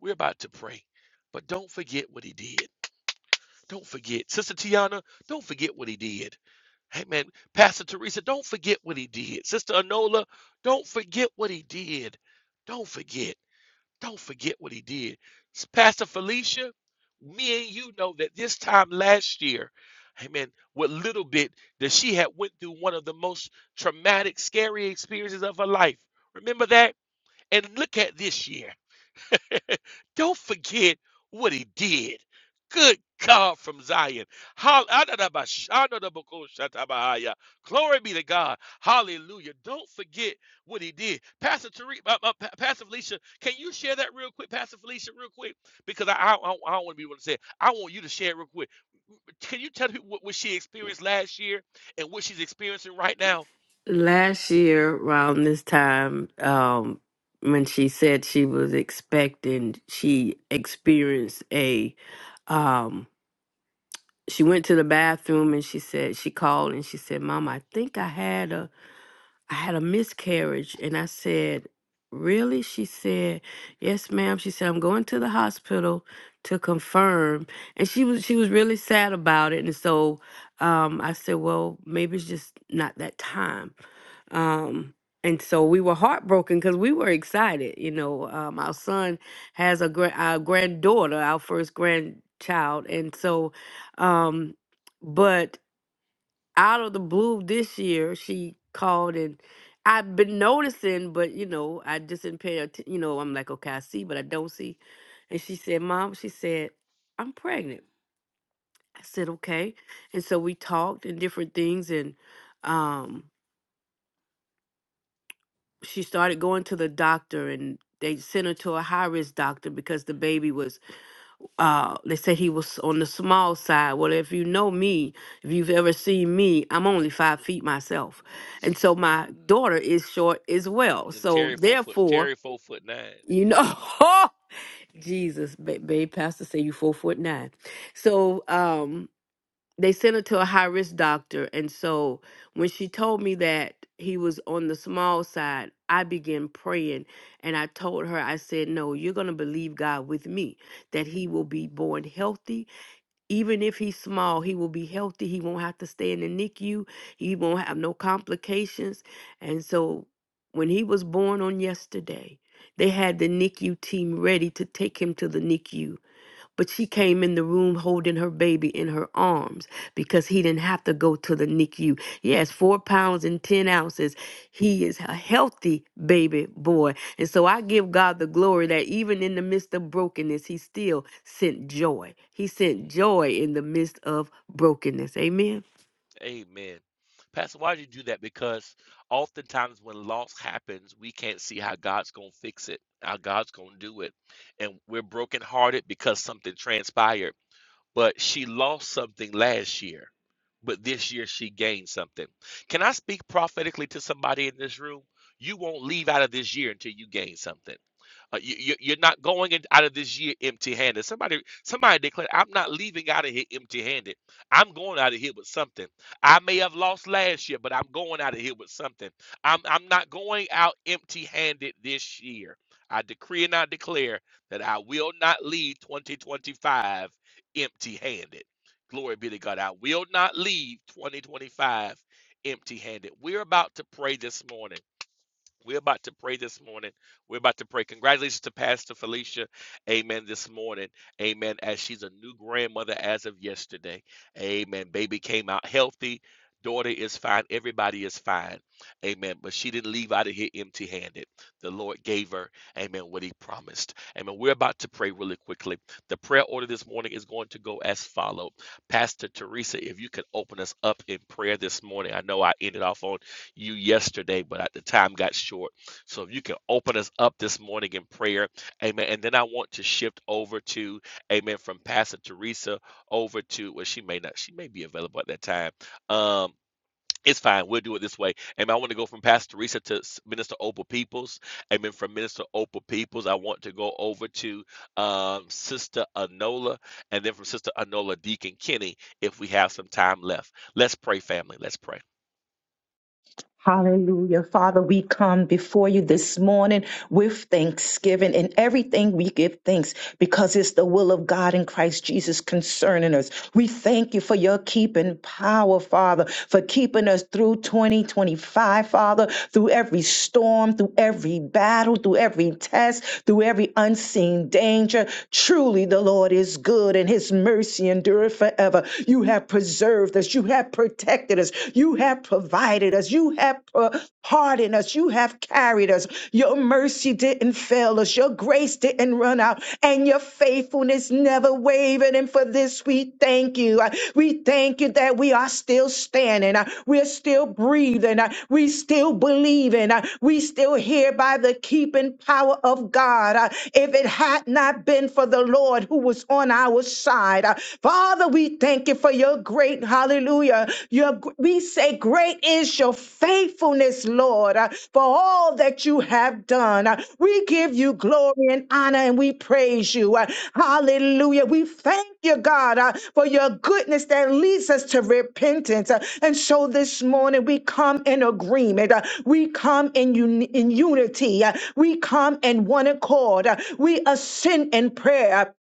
Speaker 5: We're about to pray, but don't forget what he did. Don't forget. Sister Tiana, don't forget what he did. Hey man, Pastor Teresa, don't forget what he did. Sister Anola, don't forget what he did. Don't forget. Don't forget what he did. Pastor Felicia, me and you know that this time last year, amen, what little bit that she had went through one of the most traumatic, scary experiences of her life. Remember that? And look at this year. Don't forget what he did. Good God from Zion. Hall- Adadaba- Shadadabako Glory be to God. Hallelujah. Don't forget what he did. Pastor Tariq, uh, uh, Pa- Pastor Felicia, can you share that real quick, Pastor Felicia, real quick? Because I, I, I don't want to be able to say it. I want you to share it real quick. Can you tell people what, what she experienced last year and what she's experiencing right now?
Speaker 3: last year around this time um when she said she was expecting she experienced a um she went to the bathroom and she said she called and she said mom i think i had a I had a miscarriage. And I said, Really? She said, Yes, ma'am. She said, I'm going to the hospital to confirm. And she was she was really sad about it. And so um, I said, Well, maybe it's just not that time. Um, and so we were heartbroken because we were excited. You know, um, our son has a gra- our granddaughter, our first grandchild. And so, um, but out of the blue this year she called and I've been noticing, but you know, I just didn't pay attention. You know, I'm like, okay, I see, but I don't see. And she said, Mom, she said, I'm pregnant. I said, okay. And so we talked and different things. And um, she started going to the doctor, and they sent her to a high risk doctor because the baby was uh they said he was on the small side well if you know me if you've ever seen me i'm only five feet myself and so my daughter is short as
Speaker 5: And,
Speaker 3: well
Speaker 5: and
Speaker 3: so
Speaker 5: Terry four foot,
Speaker 3: therefore
Speaker 5: Terry four foot nine.
Speaker 3: you
Speaker 5: Yeah.
Speaker 3: know jesus ba- babe pastor say you four foot nine so um they sent her to a high risk doctor and so when she told me that he was on the small side i began praying and i told her i said no you're going to believe god with me that he will be born healthy even if he's small, he will be healthy. He won't have to stay in the NICU. He won't have no complications. And so when he was born on yesterday, they had the NICU team ready to take him to the NICU but she came in the room holding her baby in her arms because he didn't have to go to the NICU. Yes, four pounds and 10 ounces. He is a healthy baby boy. And so I give God the glory that even in the midst of brokenness, he still sent joy. He
Speaker 5: Mm.
Speaker 3: sent joy in the midst of brokenness. Amen.
Speaker 5: Amen. Pastor, why do you do that? Because oftentimes when loss happens, we can't see how God's going to fix it, how God's going to do it. And we're brokenhearted because something transpired but she lost something last year, but this year she gained something. Can I speak prophetically to somebody in this room? You won't leave out of this year until you gain something. Uh, you, you- you're not going in- out of this year empty-handed. Somebody, somebody declared, "I'm not leaving out of here empty-handed. I'm going out of here with something. I may have lost last year, but I'm going out of here with something. I'm, I'm not going out empty-handed this year. I decree and I declare that I will not leave 2025." empty handed. Glory be to God. I will not leave 2025 empty handed. We're about to pray this morning. We're about to pray this morning. We're about to pray. Congratulations to Pastor Felicia. Amen. This morning. Amen. As she's a new grandmother as of yesterday. Amen. Baby came out healthy. Daughter is fine. Everybody is fine. Amen. But she didn't leave out of here empty handed. The Lord gave her, amen, what he promised. Amen. We're about to pray really quickly. The prayer order this morning is going to go as follows. Pastor Teresa, if you could open us up in prayer this morning. I know I ended off on you yesterday, but at the time got short. So if you can open us up this morning in prayer, amen. And then I want to shift over to, amen, from Pastor Teresa over to, well, she may not, she may be available at that time. Um, it's fine. We'll do it this way. Amen. I want to go from Pastor Teresa to Minister Opal Peoples. Amen. From Minister Opal Peoples, I want to go over to um, Sister Anola, and then from Sister Anola, Deacon Kenny, if we have some time left. Let's pray, family. Let's pray.
Speaker 2: Hallelujah. Father, we come before you this morning. with thanksgiving and everything we give thanks because it's the will of God in Christ Jesus concerning us. We thank you for your keeping power, Father, for keeping us through 2025, Father, through every storm, through every battle, through every test, through every unseen danger. Truly, the Lord is good and his mercy endureth forever. You have preserved us. You have protected us. You have provided us. You have uh, pardoned us. You have carried us. Your mercy didn't fail us. Your grace didn't run out. And your faithfulness never wavered. And for this, we thank you. Uh, We thank you that we are still standing. Uh, We're still breathing. Uh, We still believing. Uh, We still here by the keeping power of God. Uh, If it had not been for the Lord who was on our side, uh, Father, we thank you for your greatness Hallelujah. Your, we say, Great is your faithfulness, Lord, uh, for all that you have done. Uh, We give you glory and honor and we praise you. Uh, Hallelujah. We thank you, God, uh, for your goodness that leads us to repentance. Uh, And so this morning we come in agreement. Uh, We come in, uni- in unity. Uh, We come in one accord. Uh, We ascend in prayer.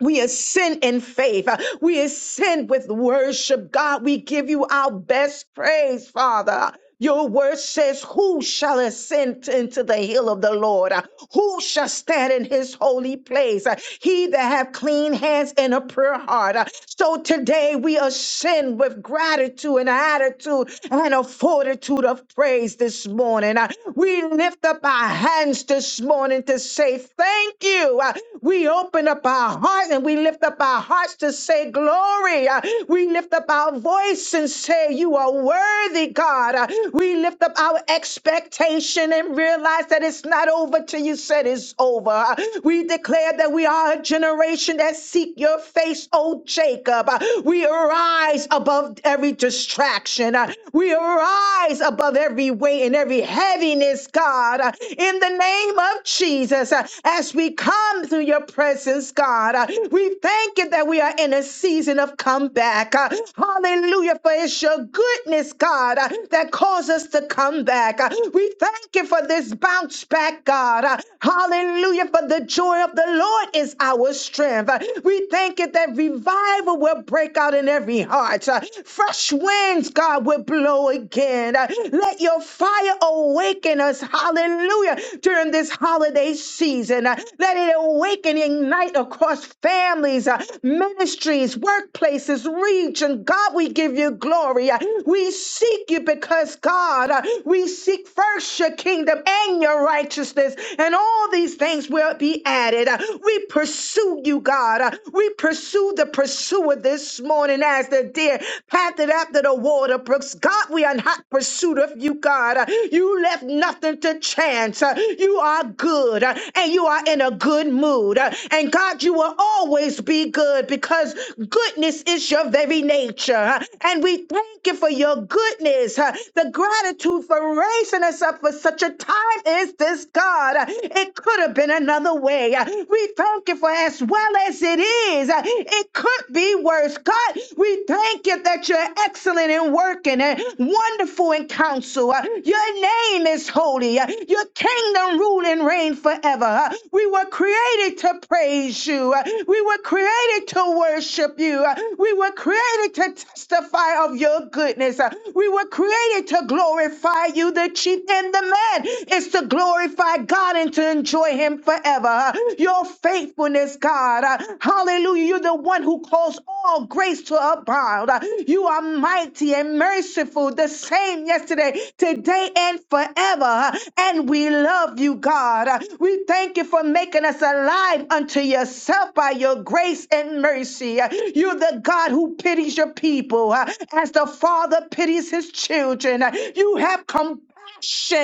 Speaker 2: We ascend in faith. We ascend with worship. God, we give you our best praise, Father. Your word says, Who shall ascend into the hill of the Lord? Who shall stand in his holy place? He that have clean hands and a pure heart. So today we ascend with gratitude and attitude and a fortitude of praise this morning. We lift up our hands this morning to say thank you. We open up our hearts eyes and we lift up our hearts to say glory. Uh, We lift up our voice and say, You are worthy, God. Uh, We lift up our expectation and realize that it's not over till you said it's over. Uh, We declare that we are a generation that seek your face, O Jacob. Uh, We arise above every distraction. Uh, We arise above every weight and every heaviness, God. Uh, In the name of Jesus, uh, as we come through your presence, God. Uh, we thank you that we are in a season of comeback. Uh, Hallelujah, for it's your goodness, God, uh, that caused us to come back. Uh, We thank you for this bounce back, God. Uh, Hallelujah, for the joy of the Lord is our strength. Uh, We thank you that revival will break out in every heart. Uh, Fresh winds, God, will blow again. Uh, Let your fire awaken us. Hallelujah, during this holiday season. Uh, Let it awaken, ignite across families, uh, ministries, workplaces, region. God, we give you glory. Uh, We seek you because, God, uh, we seek first your kingdom and your righteousness, and all these things will be added. Uh, We pursue you, God. Uh, We pursue the pursuer this morning as the deer panted after the water brooks. God, we are in hot pursuit of you, God. Uh, You left nothing to chance. Uh, You are good, uh, and you are in a good mood. Uh, And God, you will always be good because goodness is your very nature. huh? And we thank you for your goodness, huh? the gratitude for raising us up for such a time as this, God. Uh, It could have been another way. Uh, We thank you for as well as it is. Uh, It could be worse. God, we thank you that you're excellent in working and wonderful in counsel. Uh, Your name is holy. Uh, Your kingdom rule and reign forever. Uh, We were created to praise you. Uh, we were created to worship you. Uh, We were created to testify of your goodness. Uh, We were created to glorify you. The chief and the man is to glorify God and to enjoy him forever. Uh, Your faithfulness, God. Uh, Hallelujah. You're the one who calls all grace to abound. Uh, You are mighty and merciful, the same yesterday, today, and forever. Uh, And we love you, God. Uh, We thank you for making us alive unto yourself by by your grace and mercy. You're the God who pities your people uh, as the Father pities his children. You have compassion.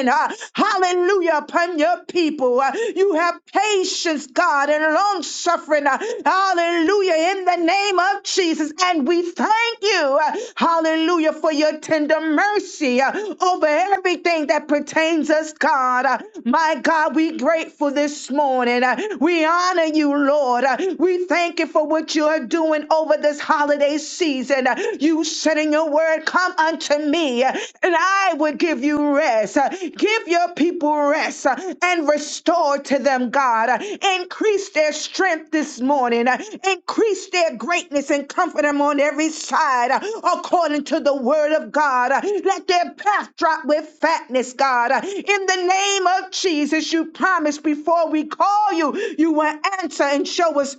Speaker 2: uh, hallelujah upon your people. Uh, You have patience, God, and long suffering. uh, Hallelujah in the name of Jesus. And we thank you, uh, hallelujah, for your tender mercy uh, over everything that pertains us, God. Uh, My God, we grateful this morning. Uh, We honor you, Lord. Uh, we thank you for what you're doing over this holiday season. You said in your word, Come unto me, and I will give you rest. Give your people rest and restore to them, God. Increase their strength this morning, increase their greatness and comfort them on every side according to the word of God. Let their path drop with fatness, God. In the name of Jesus, you promised before we call you, you will answer and show us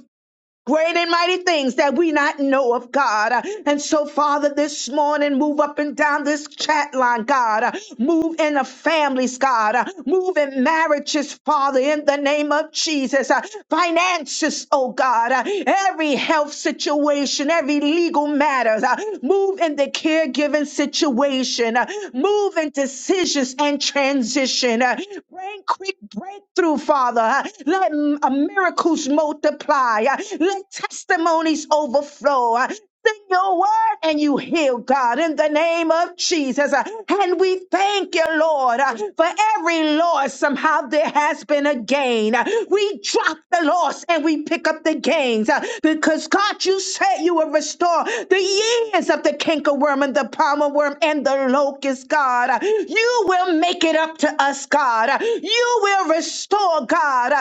Speaker 2: Great and mighty things that we not know of, God. Uh, And so, Father, this morning, move up and down this chat line, God. Uh, Move in the families, God. Uh, Move in marriages, Father, in the name of Jesus. Uh, Finances, oh God. Uh, Every health situation, every legal matters. Uh, Move in the caregiving situation. Uh, Move in decisions and transition. Uh, Bring quick breakthrough breakthrough, Father. Uh, Let mm, uh, miracles multiply. Uh, Let testimonies overflow. Uh, Send your word and you heal, God, in the name of Jesus. Uh, And we thank you, Lord, uh, for every loss. Somehow there has been a gain. Uh, We drop the loss and we pick up the gains uh, because, God, you said you will restore the years of the cankerworm and the palmer worm and the locust, God. You will make it up to us, God. You will restore, God,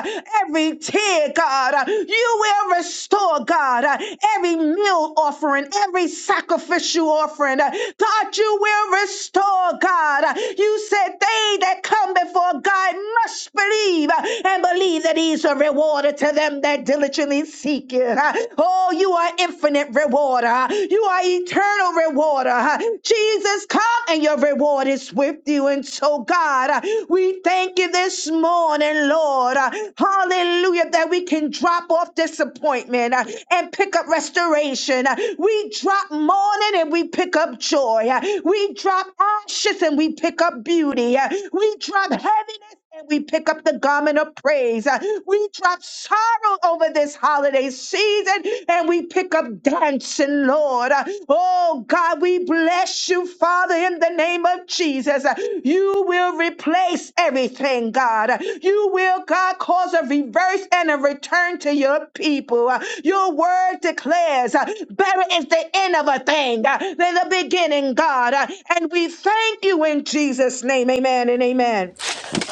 Speaker 2: every tear, God. You will restore, God, every meal offering, every sacrificial offering. God, you will restore, God. You said they that come before God must believe and believe that He's a rewarder to them that diligently seek it. Oh, you are infinite rewarder rewarder. You are eternal rewarder. Jesus, come and your reward is with you. And so, God, we thank you this morning, Lord. Hallelujah, that we can drop off disappointment uh, and pick up restoration. We drop mourning and we pick up joy. We drop ashes and we pick up beauty. We drop heaviness and we pick up the garment of praise. Uh, We drop sorrow over this holiday season and we pick up dancing, Lord. Uh, Oh God, we bless you, Father, in the name of Jesus. Uh, You will replace everything, God. Uh, You will, God, cause a reverse and a return to your people. Uh, Your word declares uh, better is the end of a thing uh, than the beginning, God. Uh, And we thank you in Jesus' name. Amen and amen.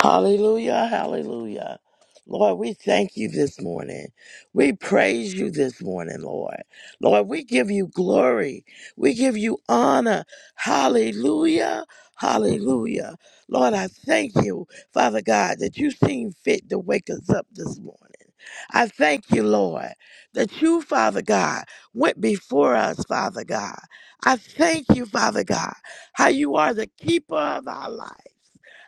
Speaker 6: Hallelujah, hallelujah. Lord, we thank you this morning. We praise you this morning, Lord. Lord, we give you glory. We give you honor. Hallelujah, hallelujah. Lord, I thank you, Father God, that you seem fit to wake us up this morning. I thank you, Lord, that you, Father God, went before us, Father God. I thank you, Father God, how you are the keeper of our lives.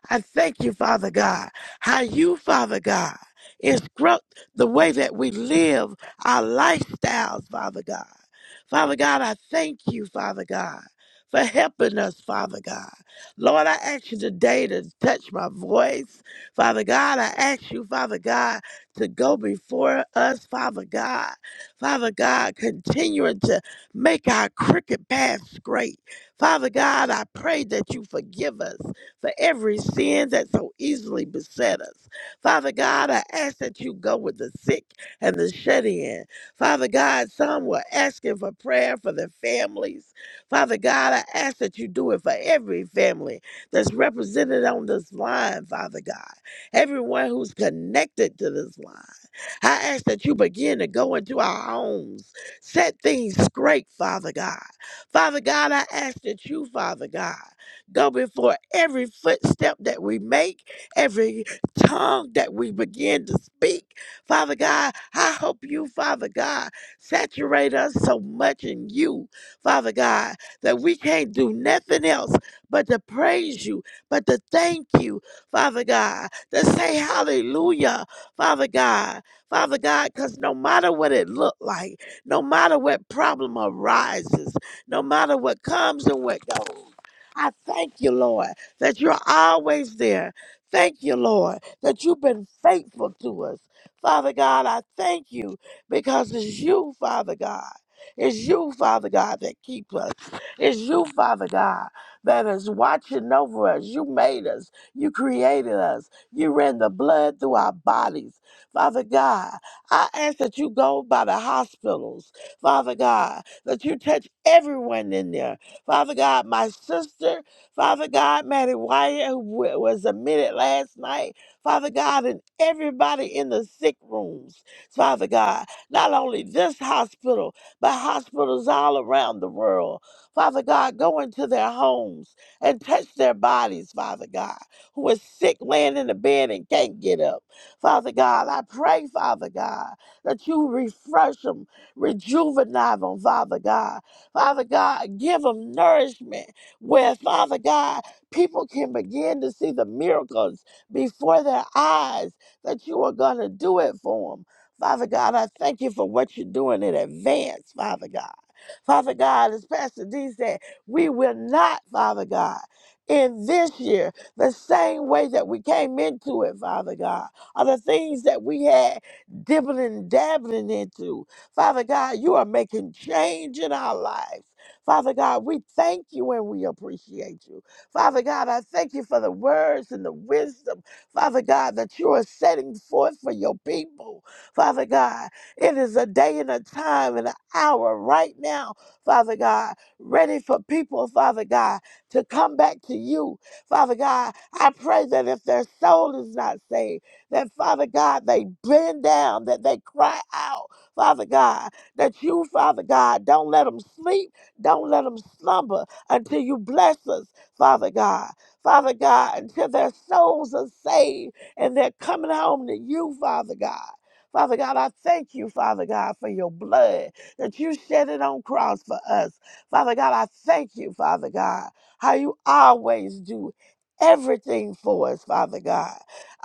Speaker 6: I thank you, Father God, how you, Father God, instruct the way that we live our lifestyles, Father God. Father God, I thank you, Father God, for helping us, Father God. Lord, I ask you today to touch my voice. Father God, I ask you, Father God to go before us, Father God. Father God, continuing to make our crooked path straight. Father God, I pray that you forgive us for every sin that so easily beset us. Father God, I ask that you go with the sick and the shut in. Father God, some were asking for prayer for their families. Father God, I ask that you do it for every family that's represented on this line, Father God everyone who's connected to this line. I ask that you begin to go into our homes, set things straight, Father God. Father God, I ask that you, Father God, go before every footstep that we make, every tongue that we begin to speak. Father God, I hope you, Father God, saturate us so much in you, Father God, that we can't do nothing else but to praise you, but to thank you, Father God, to say hallelujah, Father God. Father God, because no matter what it looked like, no matter what problem arises, no matter what comes and what goes, I thank you, Lord, that you're always there. Thank you, Lord, that you've been faithful to us. Father God, I thank you because it's you, Father God. It's you, Father God, that keep us. It's you, Father God, that is watching over us. You made us. You created us. You ran the blood through our bodies. Father God, I ask that you go by the hospitals, Father God, that you touch everyone in there. Father God, my sister, Father God, Maddie Wyatt, who wa- was admitted last night, Father God, and everybody in the sick rooms, Father God, not only this hospital, but hospitals all around the world. Father God, go into their homes and touch their bodies, Father God, who are sick laying in the bed and can't get up. Father God, I pray, Father God, that you refresh them, rejuvenate them, Father God. Father God, give them nourishment where, Father God, people can begin to see the miracles before their eyes that you are going to do it for them. Father God, I thank you for what you're doing in advance, Father God. Father God, as Pastor D said, we will not, Father God, in this year the same way that we came into it, Father God are the things that we had dibbling, dabbling into. Father God, you are making change in our lives. Father God, we thank you and we appreciate you. Father God, I thank you for the words and the wisdom, Father God, that you are setting forth for your people. Father God, it is a day and a time and an hour right now, Father God, ready for people, Father God, to come back to you. Father God, I pray that if their soul is not saved, that Father God, they bend down, that they cry out, Father God, that you, Father God, don't let them sleep, don't let them slumber until you bless us, Father God. Father God, until their souls are saved and they're coming home to you, Father God. Father God, I thank you, Father God, for your blood that you shed it on cross for us. Father God, I thank you, Father God, how you always do everything for us, Father God.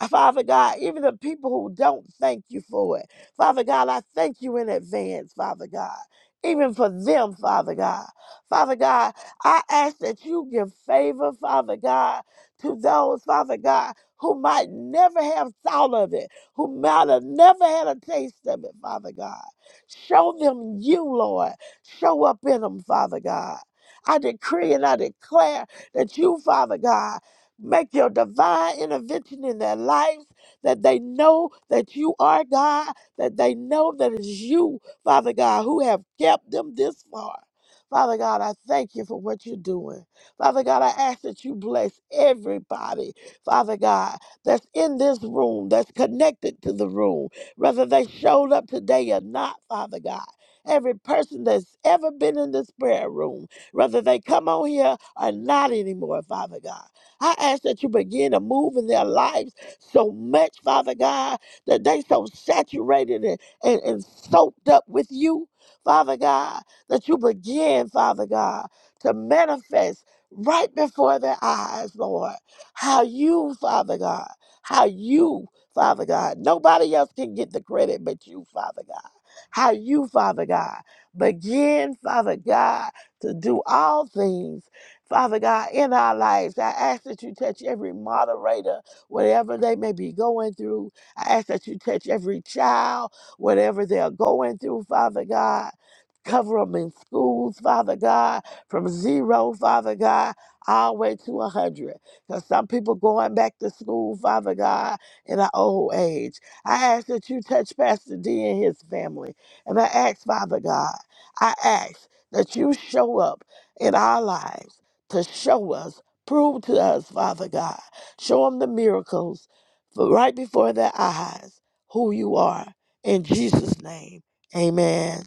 Speaker 6: Uh, Father God, even the people who don't thank you for it. Father God, I thank you in advance, Father God. Even for them, Father God. Father God, I ask that you give favor, Father God, to those, Father God, who might never have thought of it, who might have never had a taste of it, Father God. Show them you, Lord. Show up in them, Father God. I decree and I declare that you, Father God, Make your divine intervention in their lives that they know that you are God, that they know that it's you, Father God, who have kept them this far. Father God, I thank you for what you're doing. Father God, I ask that you bless everybody, Father God, that's in this room, that's connected to the room, whether they showed up today or not, Father God. Every person that's ever been in this prayer room, whether they come on here or not anymore, Father God. I ask that you begin to move in their lives so much, Father God, that they so saturated and, and, and soaked up with you, Father God, that you begin, Father God, to manifest right before their eyes, Lord, how you, Father God, how you, Father God, nobody else can get the credit but you, Father God. How you, Father God, begin, Father God, to do all things Father God, in our lives, I ask that you touch every moderator, whatever they may be going through. I ask that you touch every child, whatever they're going through, Father God. Cover them in schools, Father God, from zero, Father God, all the way to 100. Because some people going back to school, Father God, in our old age. I ask that you touch Pastor D and his family. And I ask, Father God, I ask that you show up in our lives to show us, prove to us, Father God. Show them the miracles for right before their eyes who you are. In Jesus' name, amen.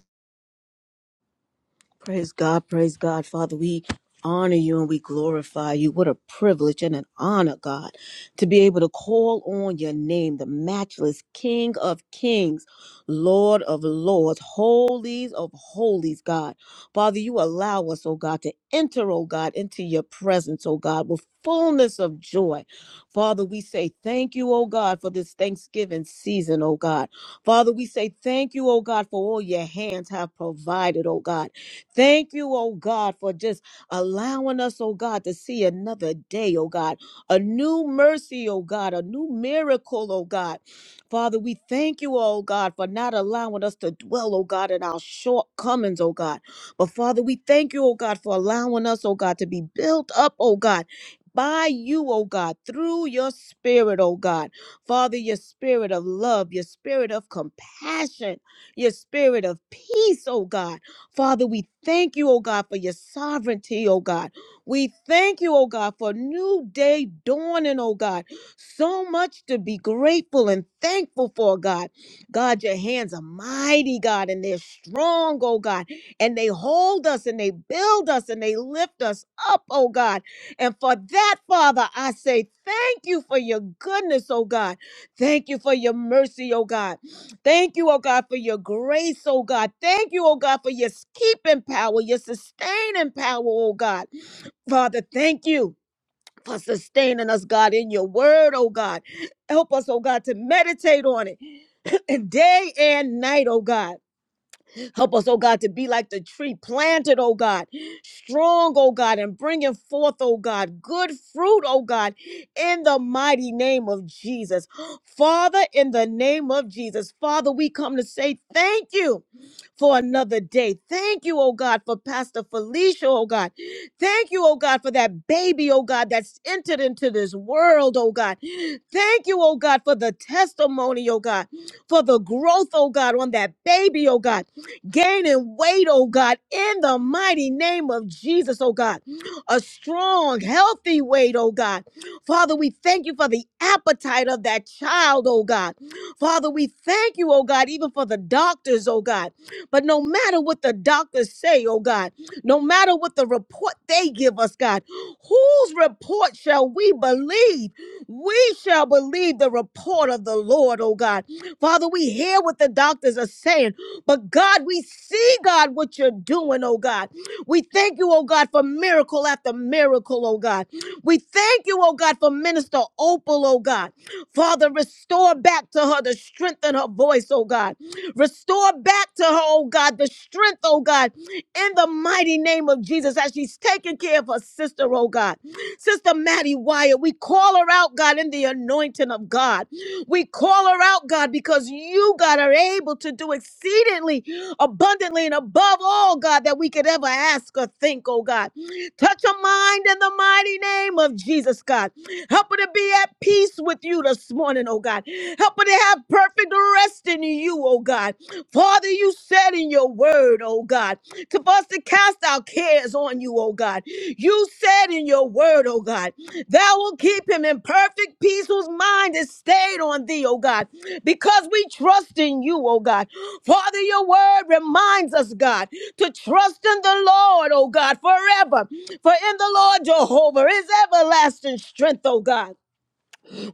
Speaker 4: Praise God, praise God. Father, we honor you and we glorify you. What a privilege and an honor, God, to be able to call on your name, the matchless King of Kings, Lord of Lords, holies of holies, God. Father, you allow us, oh God, to enter, oh God, into your presence, oh God, with fullness of joy. Father, we say thank you, oh God, for this Thanksgiving season, oh God. Father, we say thank you, oh God, for all your hands have provided, oh God. Thank you, oh God, for just allowing us, oh God, to see another day, oh God, a new mercy, oh God, a new miracle, oh God. Father, we thank you, oh God, for not allowing us to dwell, oh God, in our shortcomings, oh God. But Father, we thank you, oh God, for allowing us, oh God, to be built up, oh God. By you, oh God, through your spirit, oh God. Father, your spirit of love, your spirit of compassion, your spirit of peace, oh God. Father, we thank you, oh God, for your sovereignty, oh God. We thank you, oh God, for a new day dawning, oh God. So much to be grateful and thankful for, God. God, your hands are mighty, God, and they're strong, oh God. And they hold us and they build us and they lift us up, oh God. And for that, Father, I say thank you for your goodness, oh God. Thank you for your mercy, oh God. Thank you, oh God, for your grace, oh God. Thank you, oh God, for your keeping power, your sustaining power, oh God. Father, thank you for sustaining us, God, in your word, oh God. Help us, oh God, to meditate on it day and night, oh God. Help us, oh God, to be like the tree planted, oh God, strong, oh God, and bringing forth, oh God, good fruit, oh God, in the mighty name of Jesus. Father, in the name of Jesus, Father, we come to say thank you for another day. Thank you, oh God, for Pastor Felicia, oh God. Thank you, oh God, for that baby, oh God, that's entered into this world, oh God. Thank you, oh God, for the testimony, oh God, for the growth, oh God, on that baby, oh God gaining weight, oh God, in the mighty name of Jesus, oh God. A strong, healthy weight, oh God. Father, we thank you for the appetite of that child, oh God. Father, we thank you, oh God, even for the doctors, oh God. But no matter what the doctors say, oh God, no matter what the report they give us, God, whose report shall we believe? We shall believe the report of the Lord, oh God. Father, we hear what the doctors are saying. But God, we see, God, what you're doing, oh God. We thank you, oh God, for miracle after miracle, oh God. We thank you, oh God, for Minister Opal, oh God. Father, restore back to her the strength in her voice, oh God. Restore back to her, oh God, the strength, oh God, in the mighty name of Jesus as she's taking care of her sister, oh God. Sister Maddie Wyatt, we call her out, God, in the anointing of God. We call her out, God, because you, God, are able to do exceedingly abundantly and above all, God, that we could ever ask or think, oh God. Touch her mind in the mighty name of Jesus, God. Help her to be at peace with you this morning, oh God. Help her to have perfect rest in you, oh God. Father, you said in your word, oh God, to for us to cast our cares on you, oh God. You said in your word, oh God. Thou will keep him in perfect peace whose mind is stayed on thee, O God, because we trust in you, O God. Father, your word reminds us, God, to trust in the Lord, O God, forever. For in the Lord Jehovah is everlasting strength, O God.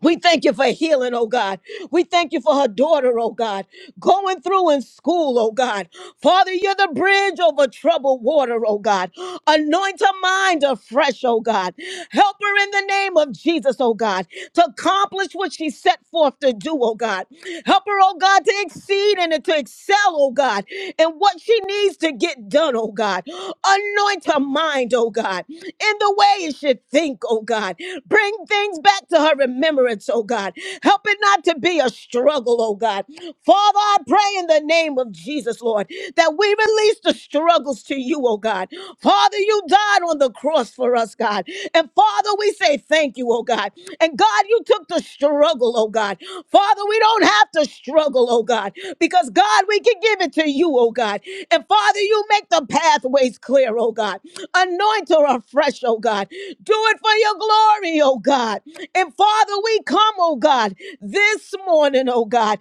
Speaker 4: We thank you for healing, oh God. We thank you for her daughter, oh God, going through in school, oh God. Father, you're the bridge over troubled water, oh God. Anoint her mind afresh, oh God. Help her in the name of Jesus, oh God, to accomplish what she set forth to do, oh God. Help her, oh God, to exceed and to excel, oh God, in what she needs to get done, oh God. Anoint her mind, oh God in the way it should think, oh God. Bring things back to her remembrance, oh God. Help it not to be a struggle, oh God. Father, I pray in the name of Jesus, Lord, that we release the struggles to you, oh God. Father, you died on the cross for us, God. And Father, we say thank you, oh God. And God, you took the struggle, oh God. Father, we don't have to struggle, oh God, because God, we can give it to you, oh God. And Father, you make the pathways clear, oh God. Anoint her afresh, oh God. Do it for your glory, oh God. And Father, we come, oh God, this morning, oh God,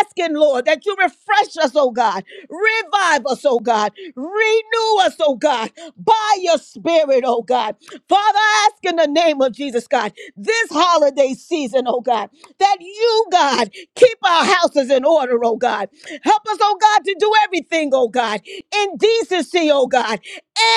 Speaker 4: asking, Lord, that you refresh us, oh God. Revive us, oh God. Renew us, oh God, by your spirit, oh God. Father, I ask in the name of Jesus, God, this holiday season, oh God, that you, God, keep our houses in order, oh God. Help us, oh God, to do everything, oh God, in decency, oh God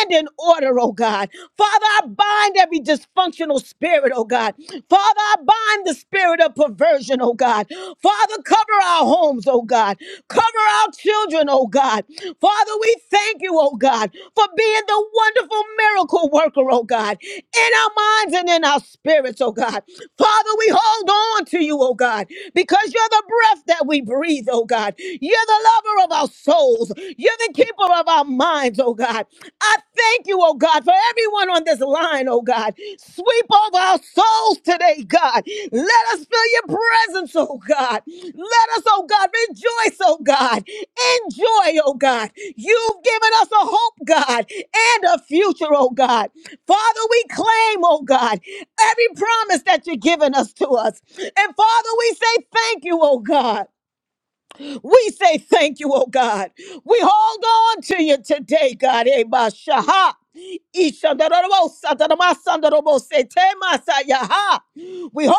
Speaker 4: and in order, oh God. Father, I bind every dysfunctional spirit, oh God. Father, I bind the spirit of perversion, oh God. Father, cover our homes, oh God. Cover our children, oh God. Father, we thank you, oh God, for being the wonderful miracle worker, oh God, in our minds and in our spirits, oh God. Father, we hold on to you, oh God, because you're the breath that we breathe, oh God. You're the lover of our souls. You're the keeper of our minds, oh God. I thank you, oh God, for everyone on this line, oh God. Sweep over our souls today, God. Let us feel your presence, oh God. Let us, oh God, rejoice, oh God. Enjoy, oh God. You've given us a hope, God, and a future, oh God. Father, we claim, oh God, every promise that you've given us to us. And Father, we say thank you, oh God. We say thank you, oh God. We hold on to you today, God. Ebashaha. Ishandarabosatanamasandarabosetemasaya. We hold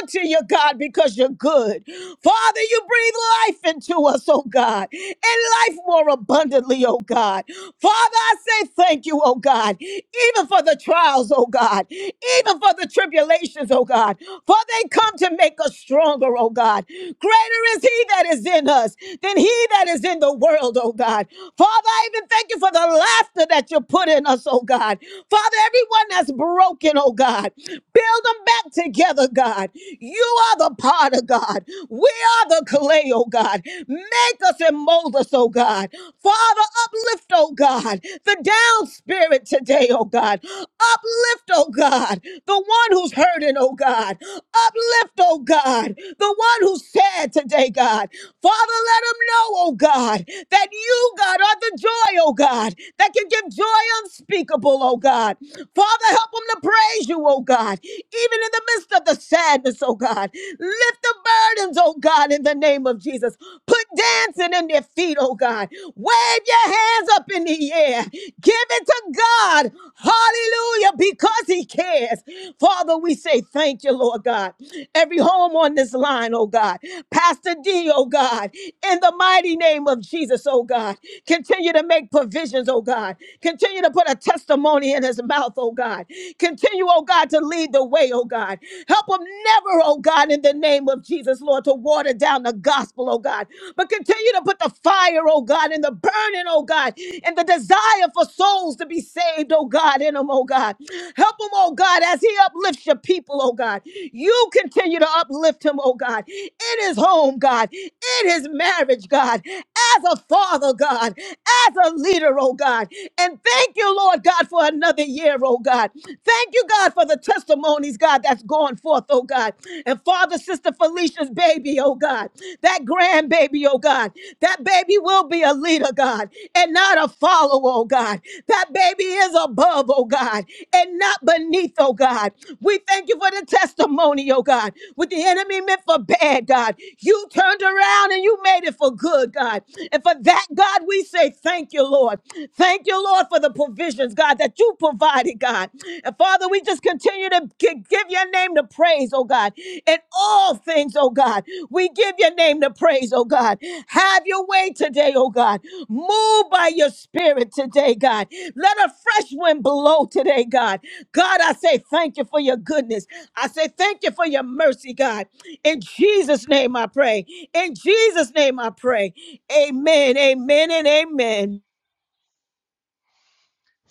Speaker 4: on to you, God, because you're good. Father, you breathe life into us, oh God, and life more abundantly, oh God. Father, I say thank you, oh God, even for the trials, oh God, even for the tribulations, oh God, for they come to make us stronger, oh God. Greater is He that is in us than He that is in the world, oh God. Father, I even thank you for the laughter that you put in us, oh God. Father, everyone that's broken, oh God, build them back together, God. You are the potter, God. We are the clay, oh God. Make us and mold us, oh God. Father, uplift, oh God, the down spirit today, oh God. Uplift, oh God, the one who's hurting, oh God. Uplift, oh God, the one who's sad today, God. Father, let him know, oh God. God, that you, God, are the joy, oh God, that can give joy unspeakable, oh God. Father, help them to praise you, oh God, even in the midst of the sadness, oh God. Lift the burdens, oh God, in the name of Jesus. Put dancing in their feet, oh God. Wave your hands up in the air. Give it to God. Hallelujah, because He cares. Father, we say thank you, Lord God. Every every home on this line, oh God. Pastor D, oh God, in the mighty name of Jesus, oh God. Continue to make provisions, oh God. Continue to put a testimony in his mouth, oh God. Continue, oh God, to lead the way, oh God. Help him never, oh God, in the name of Jesus, Lord, to water down the gospel, oh God. But continue to put the fire, oh God, and the burning, oh God, and the desire for souls to be saved, oh God, in him, oh God. God. Help him, oh God, as he uplifts your people, oh God. You continue to uplift him, oh God, in his home, God, in his marriage, God, as a father, God, as a leader, oh God. And thank you, Lord God, for another year, oh God. Thank you, God, for the testimonies, God, that's going forth, oh God. And Father, Sister Felicia's baby, oh God, that grandbaby, oh God, that baby will be a leader, God. God, and not a follower, oh God. That baby is above, oh God, and not beneath, oh God. We thank you for the testimony, oh God. What the enemy meant for bad, God, you turned around and you made it for good, God. And for that, God, we say thank you, Lord. Thank you, Lord, for the provisions, God, that you provided, God. And Father, we just continue to gi- give your name the praise, oh God. In all things, oh God, we give your name the praise, oh God. Have your way today, oh God. Move by your spirit today, God. Let a fresh wind blow today, God. God, I say thank you for your goodness. I say thank you for your mercy, God. In Jesus' name I pray. In Jesus' name I pray. Amen, amen, and amen.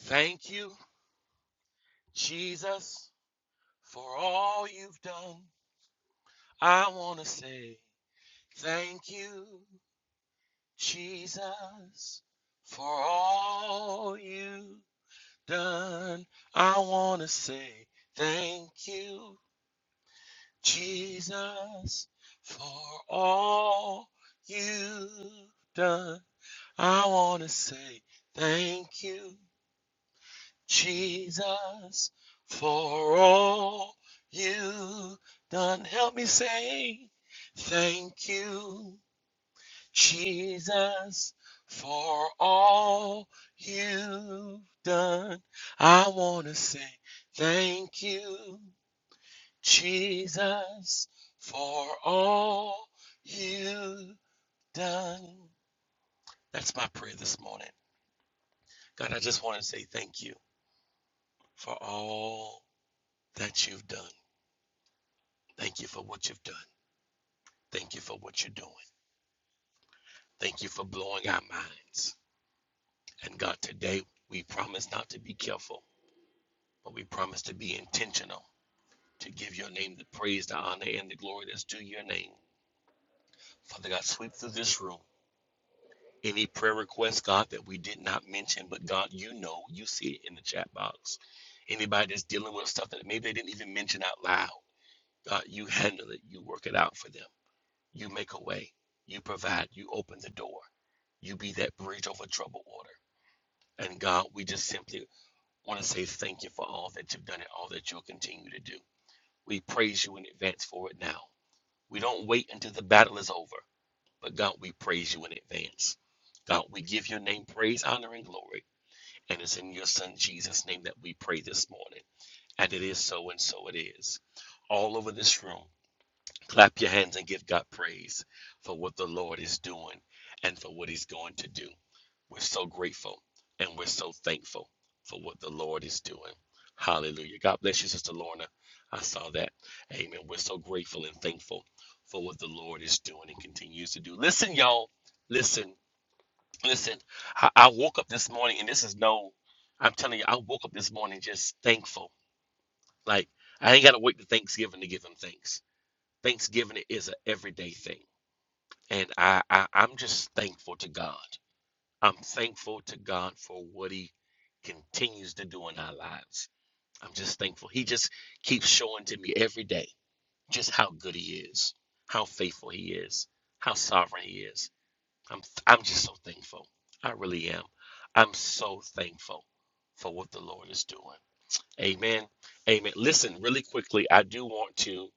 Speaker 5: Thank you. Jesus. I thank you done. I wanna say thank you, Jesus, for all you have done. I wanna say thank you, Jesus, for all you have done. Help me say thank you, Jesus, for all you've done, I want to say thank you, Jesus, for all you've done. That's my prayer this morning. God, I just want to say thank you for all that you've done. Thank you for what you've done. Thank you for what you're doing. Thank you for blowing our minds. And God, today we promise not to be careful, but we promise to be intentional to give your name the praise, the honor, and the glory that's due your name. Father God, sweep through this room. Any prayer requests, God, that we did not mention, but God, you know, you see it in the chat box. Anybody that's dealing with stuff that maybe they didn't even mention out loud, God, you handle it. You work it out for them. You make a way. You provide. You open the door. You be that bridge over troubled water. And God, we just simply want to say thank you for all that you've done and all that you'll continue to do. We praise you in advance for it now. We don't wait until the battle is over. But God, we praise you in advance. God, we give your name praise, honor, and glory. And it's in your son Jesus' name that we pray this morning. And it is so, and so it is. All over this room, clap your hands and give God praise for what the Lord is doing and for what he's going to do. We're so grateful and we're so thankful for what the Lord is doing. Hallelujah. God bless you, Sister Lorna. I saw that. Amen. We're so grateful and thankful for what the Lord is doing and continues to do. Listen, y'all. Listen, listen. I, I woke up this morning, and this is no, I'm telling you, I woke up this morning just thankful. Like, I ain't got to wait to Thanksgiving to give him thanks. Thanksgiving is an everyday thing. And I, I, I'm just thankful to God. I'm thankful to God for what He continues to do in our lives. I'm just thankful. He just keeps showing to me every day just how good He is, how faithful He is, how sovereign He is. I'm I'm just so thankful. I really am. I'm so thankful for what the Lord is doing. Amen. Amen. Listen, really quickly, I do want to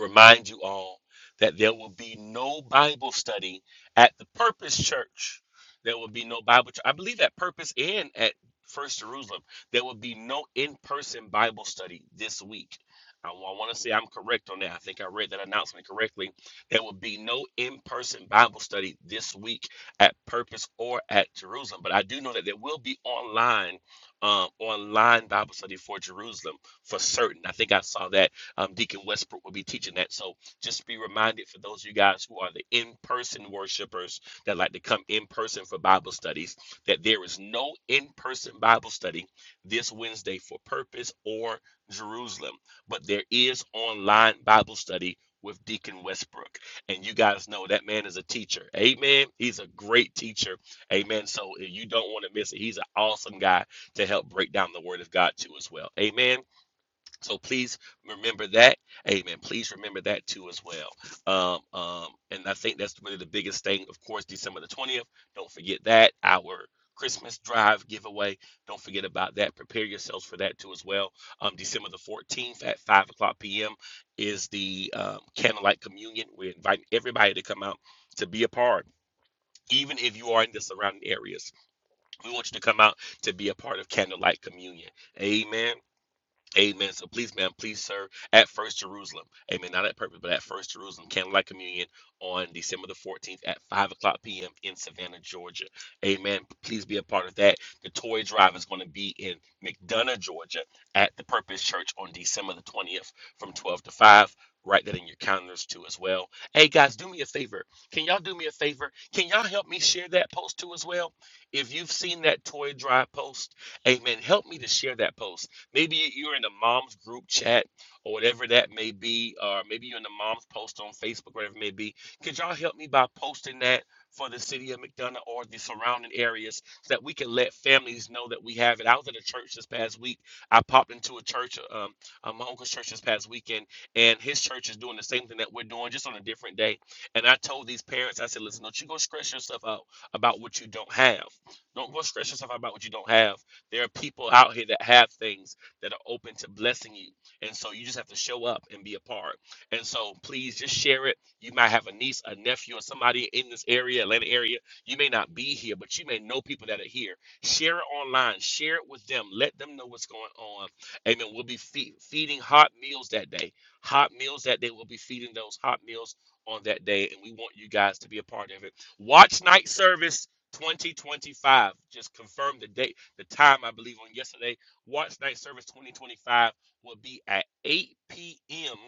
Speaker 5: remind you all that there will be no Bible study at the Purpose Church. There will be no Bible. ch- I believe at Purpose and at First Jerusalem, there will be no in-person Bible study this week. I, want to say I'm correct on that. I think I read that announcement correctly. There will be no in-person Bible study this week at Purpose or at Jerusalem. But I do know that there will be online, um, online Bible study for Jerusalem for certain. I think I saw that um, Deacon Westbrook will be teaching that. So just be reminded for those of you guys who are the in person worshipers that like to come in person for Bible studies that there is no in person Bible study this Wednesday for Purpose or Jerusalem, but there is online Bible study. With Deacon Westbrook. And you guys know that man is a teacher. Amen. He's a great teacher. Amen. So if you don't want to miss it, he's an awesome guy to help break down the word of God to as well. Amen. So please remember that. Amen. Please remember that too as well. Um, um, and I think that's really the biggest thing. Of course, December the 20th. Don't forget that. Our Christmas drive giveaway. Don't forget about that. Prepare yourselves for that too as well. Um, December the 14th at 5 o'clock p.m. is the um, candlelight communion. We're inviting everybody to come out to be a part. Even if you are in the surrounding areas, we want you to come out to be a part of candlelight communion. Amen. Amen. So please, ma'am, please, sir, at First Jerusalem. Amen. Not at Purpose, but at First Jerusalem Candlelight Communion on December the 14th at 5 o'clock p.m. in Savannah, Georgia. Amen. Please be a part of that. The toy drive is going to be in McDonough, Georgia at the Purpose Church on December the 20th from 12 to 5. Write that in your calendars too as well. Hey guys, do me a favor. Can y'all do me a favor? Can y'all help me share that post too as well? If you've seen that toy drive post, amen, help me to share that post Maybe you're in the mom's group chat or whatever that may be, or maybe you're in the mom's post on Facebook, whatever it may be. Could y'all help me by posting that for the city of McDonough or the surrounding areas so that we can let families know that we have it? I was at a church this past week. I popped into a church, um, uh, my uncle's church this past weekend, and his church is doing the same thing that we're doing, just on a different day. And I told these parents, I said, listen, don't you go stress yourself out about what you don't have. Don't go stress yourself out about what you don't have. There are people out here that have things that are open to blessing you. And so you just have to show up and be a part. And so please just share it. You might have a niece, a nephew, or somebody in this area, Atlanta area. You may not be here, but you may know people that are here. Share it online. Share it with them. Let them know what's going on. Amen. We'll be fe- feeding hot meals that day. Hot meals that day. We'll be feeding those hot meals on that day. And we want you guys to be a part of it. Watch night service 2025. Just confirm the date, the time, I believe, on yesterday Watch night service 2025 will be at 8 p.m.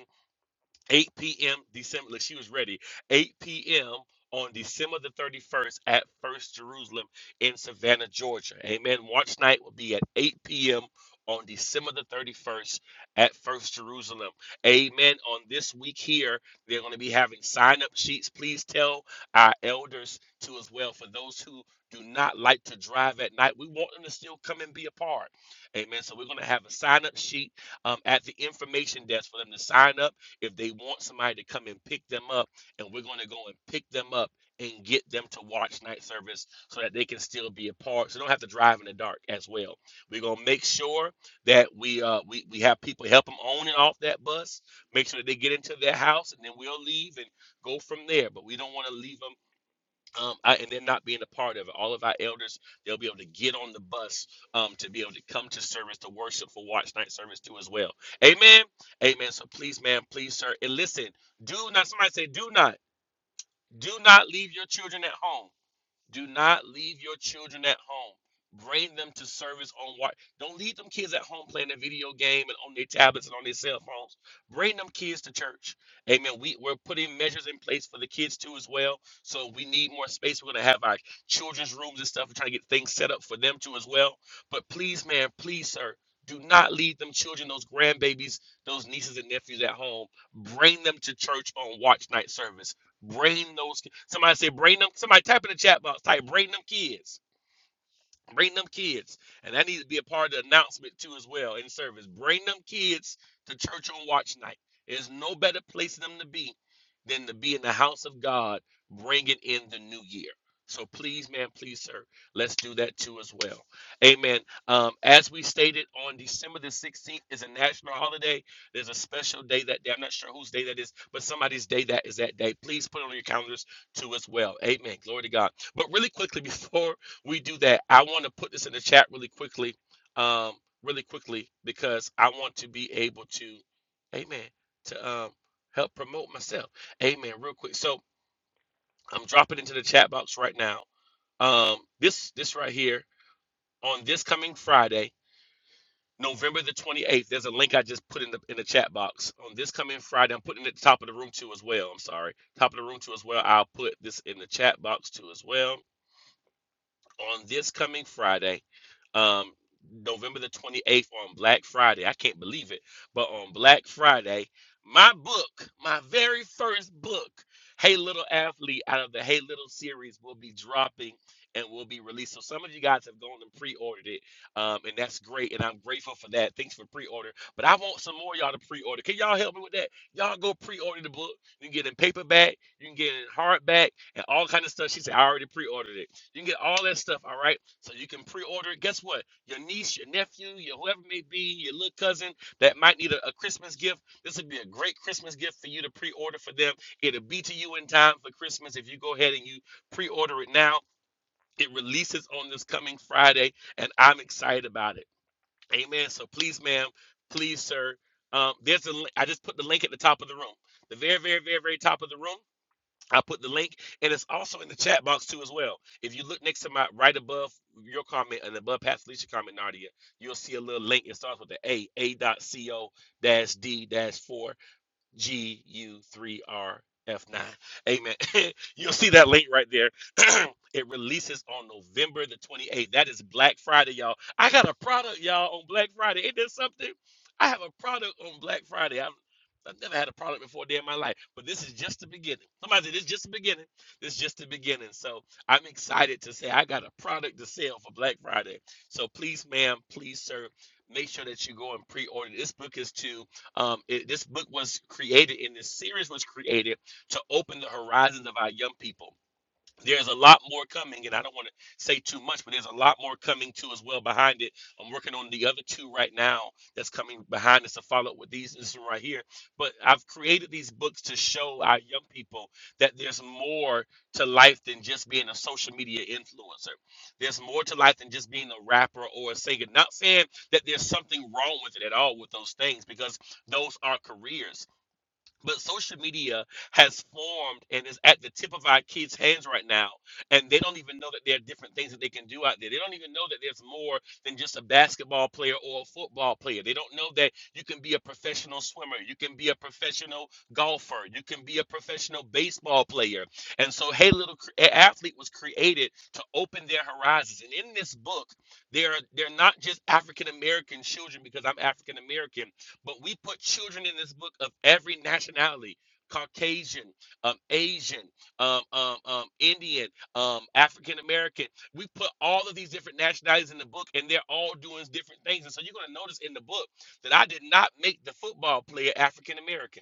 Speaker 5: 8 p.m. December. Look, she was ready. 8 p.m. on December the 31st at First Jerusalem in Savannah, Georgia. Amen. Watch night will be at 8 p.m. on December the 31st at First Jerusalem. Amen. On this week here, they're going to be having sign up sheets. Please tell our elders to as well for those who do not like to drive at night. We want them to still come and be a part. Amen. So we're going to have a sign up sheet um, at the information desk for them to sign up if they want somebody to come and pick them up, and we're going to go and pick them up and get them to watch night service so that they can still be a part, so they don't have to drive in the dark as well. We're going to make sure that we uh we, we have people help them on and off that bus, make sure that they get into their house, and then we'll leave and go from there. But we don't want to leave them um, I, and they're not being a part of it. All of our elders, they'll be able to get on the bus um, to be able to come to service, to worship for watch night service too as well. Amen. Amen. So please, ma'am, please, sir, and listen. Do not. Somebody say, do not, do not leave your children at home. Do not leave your children at home. Bring them to service on what? Don't leave them kids at home playing their video game and on their tablets and on their cell phones. Bring them kids to church. Amen. We, we're putting measures in place for the kids too as well. So we need more space. We're going to have our children's rooms and stuff. We're trying to get things set up for them too as well. But please, man, please, sir, do not leave them children, those grandbabies, those nieces and nephews at home. Bring them to church on watch night service Brain those. ki- Somebody say brain them. Somebody type in the chat box. Type brain them kids. Bring them kids. And that needs to be a part of the announcement too as well in service. Bring them kids to church on watch night. There's no better place for them to be than to be in the house of God bringing in the new year. So please, man, please, sir, let's do that too as well. Amen. Um, as we stated on December the 16th is a national holiday. There's a special day that day. I'm not sure whose day that is, but somebody's day that is that day. Please put it on your calendars too as well. Amen. Glory to God. But really quickly before we do that. I want to put this in the chat really quickly, um, really quickly because I want to be able to, amen, to um, help promote myself, amen, real quick. So I'm dropping into the chat box right now. Um, this this right here on this coming Friday, November the 28th. There's a link I just put in the in the chat box on this coming Friday. I'm putting it at the top of the room too as well. I'm sorry, top of the room too as well. I'll put this in the chat box too as well on this coming Friday, um, November the 28th on Black Friday. I can't believe it, but on Black Friday, my book, my very first book, Hey Little Athlete, out of the Hey Little series, will be dropping and will be released. So some of you guys have gone and pre-ordered it, um, and that's great, and I'm grateful for that. Thanks for pre-order, but I want some more of y'all to pre-order. Can y'all help me with that? Y'all go pre-order the book. You can get it in paperback, you can get it in hardback, and all kind of stuff. She said, I already pre-ordered it. You can get all that stuff, all right? So you can pre-order it. Guess what? Your niece, your nephew, your whoever it may be, your little cousin that might need a, a Christmas gift. This would be a great Christmas gift for you to pre-order for them. It'll be to you in time for Christmas if you go ahead and you pre-order it now. It releases on this coming Friday, and I'm excited about it. Amen. So please, ma'am, please, sir. Um, there's a. I just put the link at the top of the room, the very, very, very, very top of the room. I put the link, and it's also in the chat box too as well. If you look next to my right above your comment and above Pat Felicia comment, Nadia, you'll see a little link. It starts with the A A dot C O dash D dash four GU3RF9. Amen. You'll see that link right there. it releases on November the 28th. That is Black Friday, y'all. I got a product, y'all, on Black Friday. Ain't that something? I have a product on Black Friday. I'm, I've never had a product before a day in my life, but this is just the beginning. Somebody said, This is just the beginning. This is just the beginning. So I'm excited to say I got a product to sell for Black Friday. So please, ma'am, please, sir, make sure that you go and pre order. This book is to um, it, this book was created, and this series was created to open the horizons of our young people there's a lot more coming, and I don't want to say too much, but there's a lot more coming too as well behind it. I'm working on the other two right now that's coming behind us to follow up with these this one right here. But I've created these books to show our young people that there's more to life than just being a social media influencer. There's more to life than just being a rapper or a singer. Not saying that there's something wrong with it at all with those things, because those are careers but social media has formed and is at the tip of our kids' hands right now. And they don't even know that there are different things that they can do out there. They don't even know that there's more than just a basketball player or a football player. They don't know that you can be a professional swimmer, you can be a professional golfer, you can be a professional baseball player. And so, Hey Little Cre- Athlete was created to open their horizons. And in this book, they're, they're not just African American children because I'm African American but we put children in this book of every nationality Caucasian, um, Asian, um, um, um, Indian, um, African American. We put all of these different nationalities in the book, and they're all doing different things. And so you're going to notice in the book that I did not make the football player African American.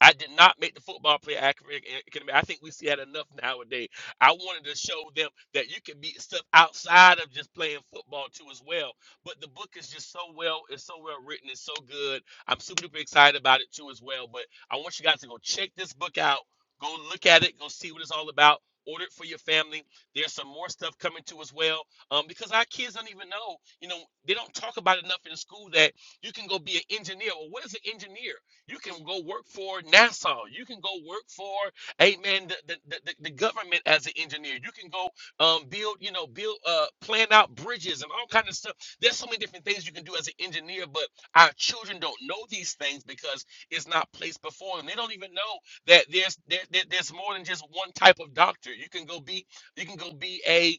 Speaker 5: I did not make the football player accurate. and academic. I think we see that enough nowadays. I wanted to show them that you can be stuff outside of just playing football too as well. But the book is just so well, it's so well written, it's so good. I'm super duper excited about it too as well. But I want you guys to go check this book out. Go look at it. Go see what it's all about. Order it for your family. There's some more stuff coming too as well. Um, because our kids don't even know, you know, they don't talk about it enough in school that you can go be an engineer. Well, what is an engineer? You can go work for NASA. You can go work for, amen, the, the, the, the- the government as an engineer. You can go um, build, you know, build, uh, plan out bridges and all kind of stuff. There's so many different things you can do as an engineer, but our children don't know these things because it's not placed before them. They don't even know that there's there, there- there's more than just one type of doctor. You can go be you can go be a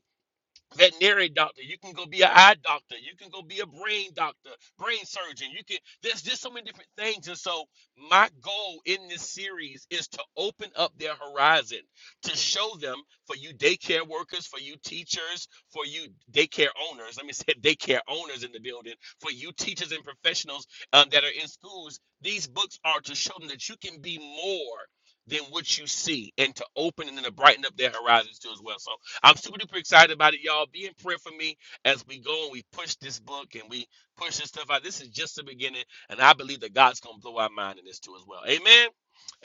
Speaker 5: veterinary doctor. You can go be an eye doctor. You can go be a brain doctor, brain surgeon. You can. There's just so many different things. And so my goal in this series is to open up their horizon, to show them for you daycare workers, for you teachers, for you daycare owners. Let me say daycare owners in the building. For you teachers and professionals um, that are in schools, these books are to show them that you can be more. Than what you see, and to open and then to brighten up their horizons too as well. So I'm super duper excited about it, y'all. Be in prayer for me as we go and we push this book and we push this stuff out. This is just the beginning, and I believe that God's gonna blow our mind in this too as well. Amen.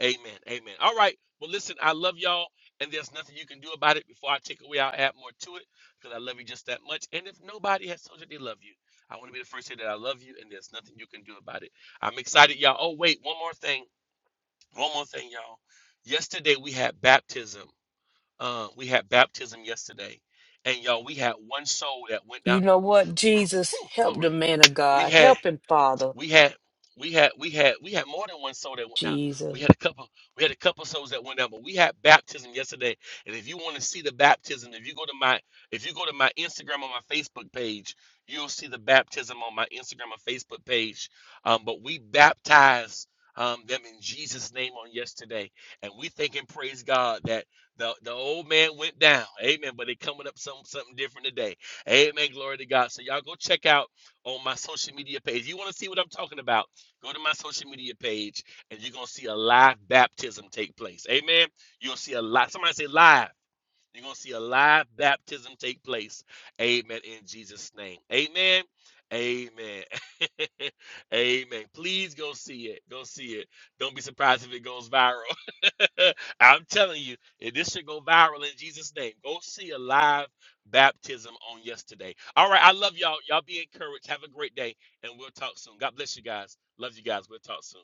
Speaker 5: Amen. Amen. All right. Well, listen, I love y'all, and there's nothing you can do about it. Before I take away, I'll add more to it because I love you just that much. And if nobody has told you they love you, I want to be the first to say that I love you, and there's nothing you can do about it. I'm excited, y'all. Oh, wait, one more thing. One more thing, y'all. Yesterday we had baptism uh, we had baptism yesterday, and y'all, we had one soul that went down.
Speaker 3: You know what, Jesus?
Speaker 5: Whew,
Speaker 3: Help the
Speaker 5: glory.
Speaker 3: man of
Speaker 5: We
Speaker 3: God.
Speaker 5: had
Speaker 3: Help him, Father.
Speaker 5: we had we had we had we had more than one soul that went down.
Speaker 3: Jesus.
Speaker 5: We had a couple we had a couple souls that went down, but we had baptism yesterday. And if you want to see the baptism, if you go to my if you go to my Instagram or my Facebook page, you'll see the baptism on my Instagram or Facebook page. Um, but we baptized um, them in Jesus' name on yesterday, and we thank and praise God that the the old man went down. Amen. But they coming up some something different today. Amen. Glory to God. So y'all go check out on my social media page. You want to see what I'm talking about? Go to my social media page and you're going to see a live baptism take place. Amen. You'll see a live. Somebody say live. You're going to see a live baptism take place. Amen. In Jesus' name. Amen. Amen. Amen. Please go see it. Go see it. Don't be surprised if it goes viral. I'm telling you, eh, this should go viral in Jesus' name. Go see a live baptism on yesterday. All right. I love y'all. Y'all be encouraged. Have a great day. And we'll talk soon. God bless you guys. Love you guys. We'll talk soon.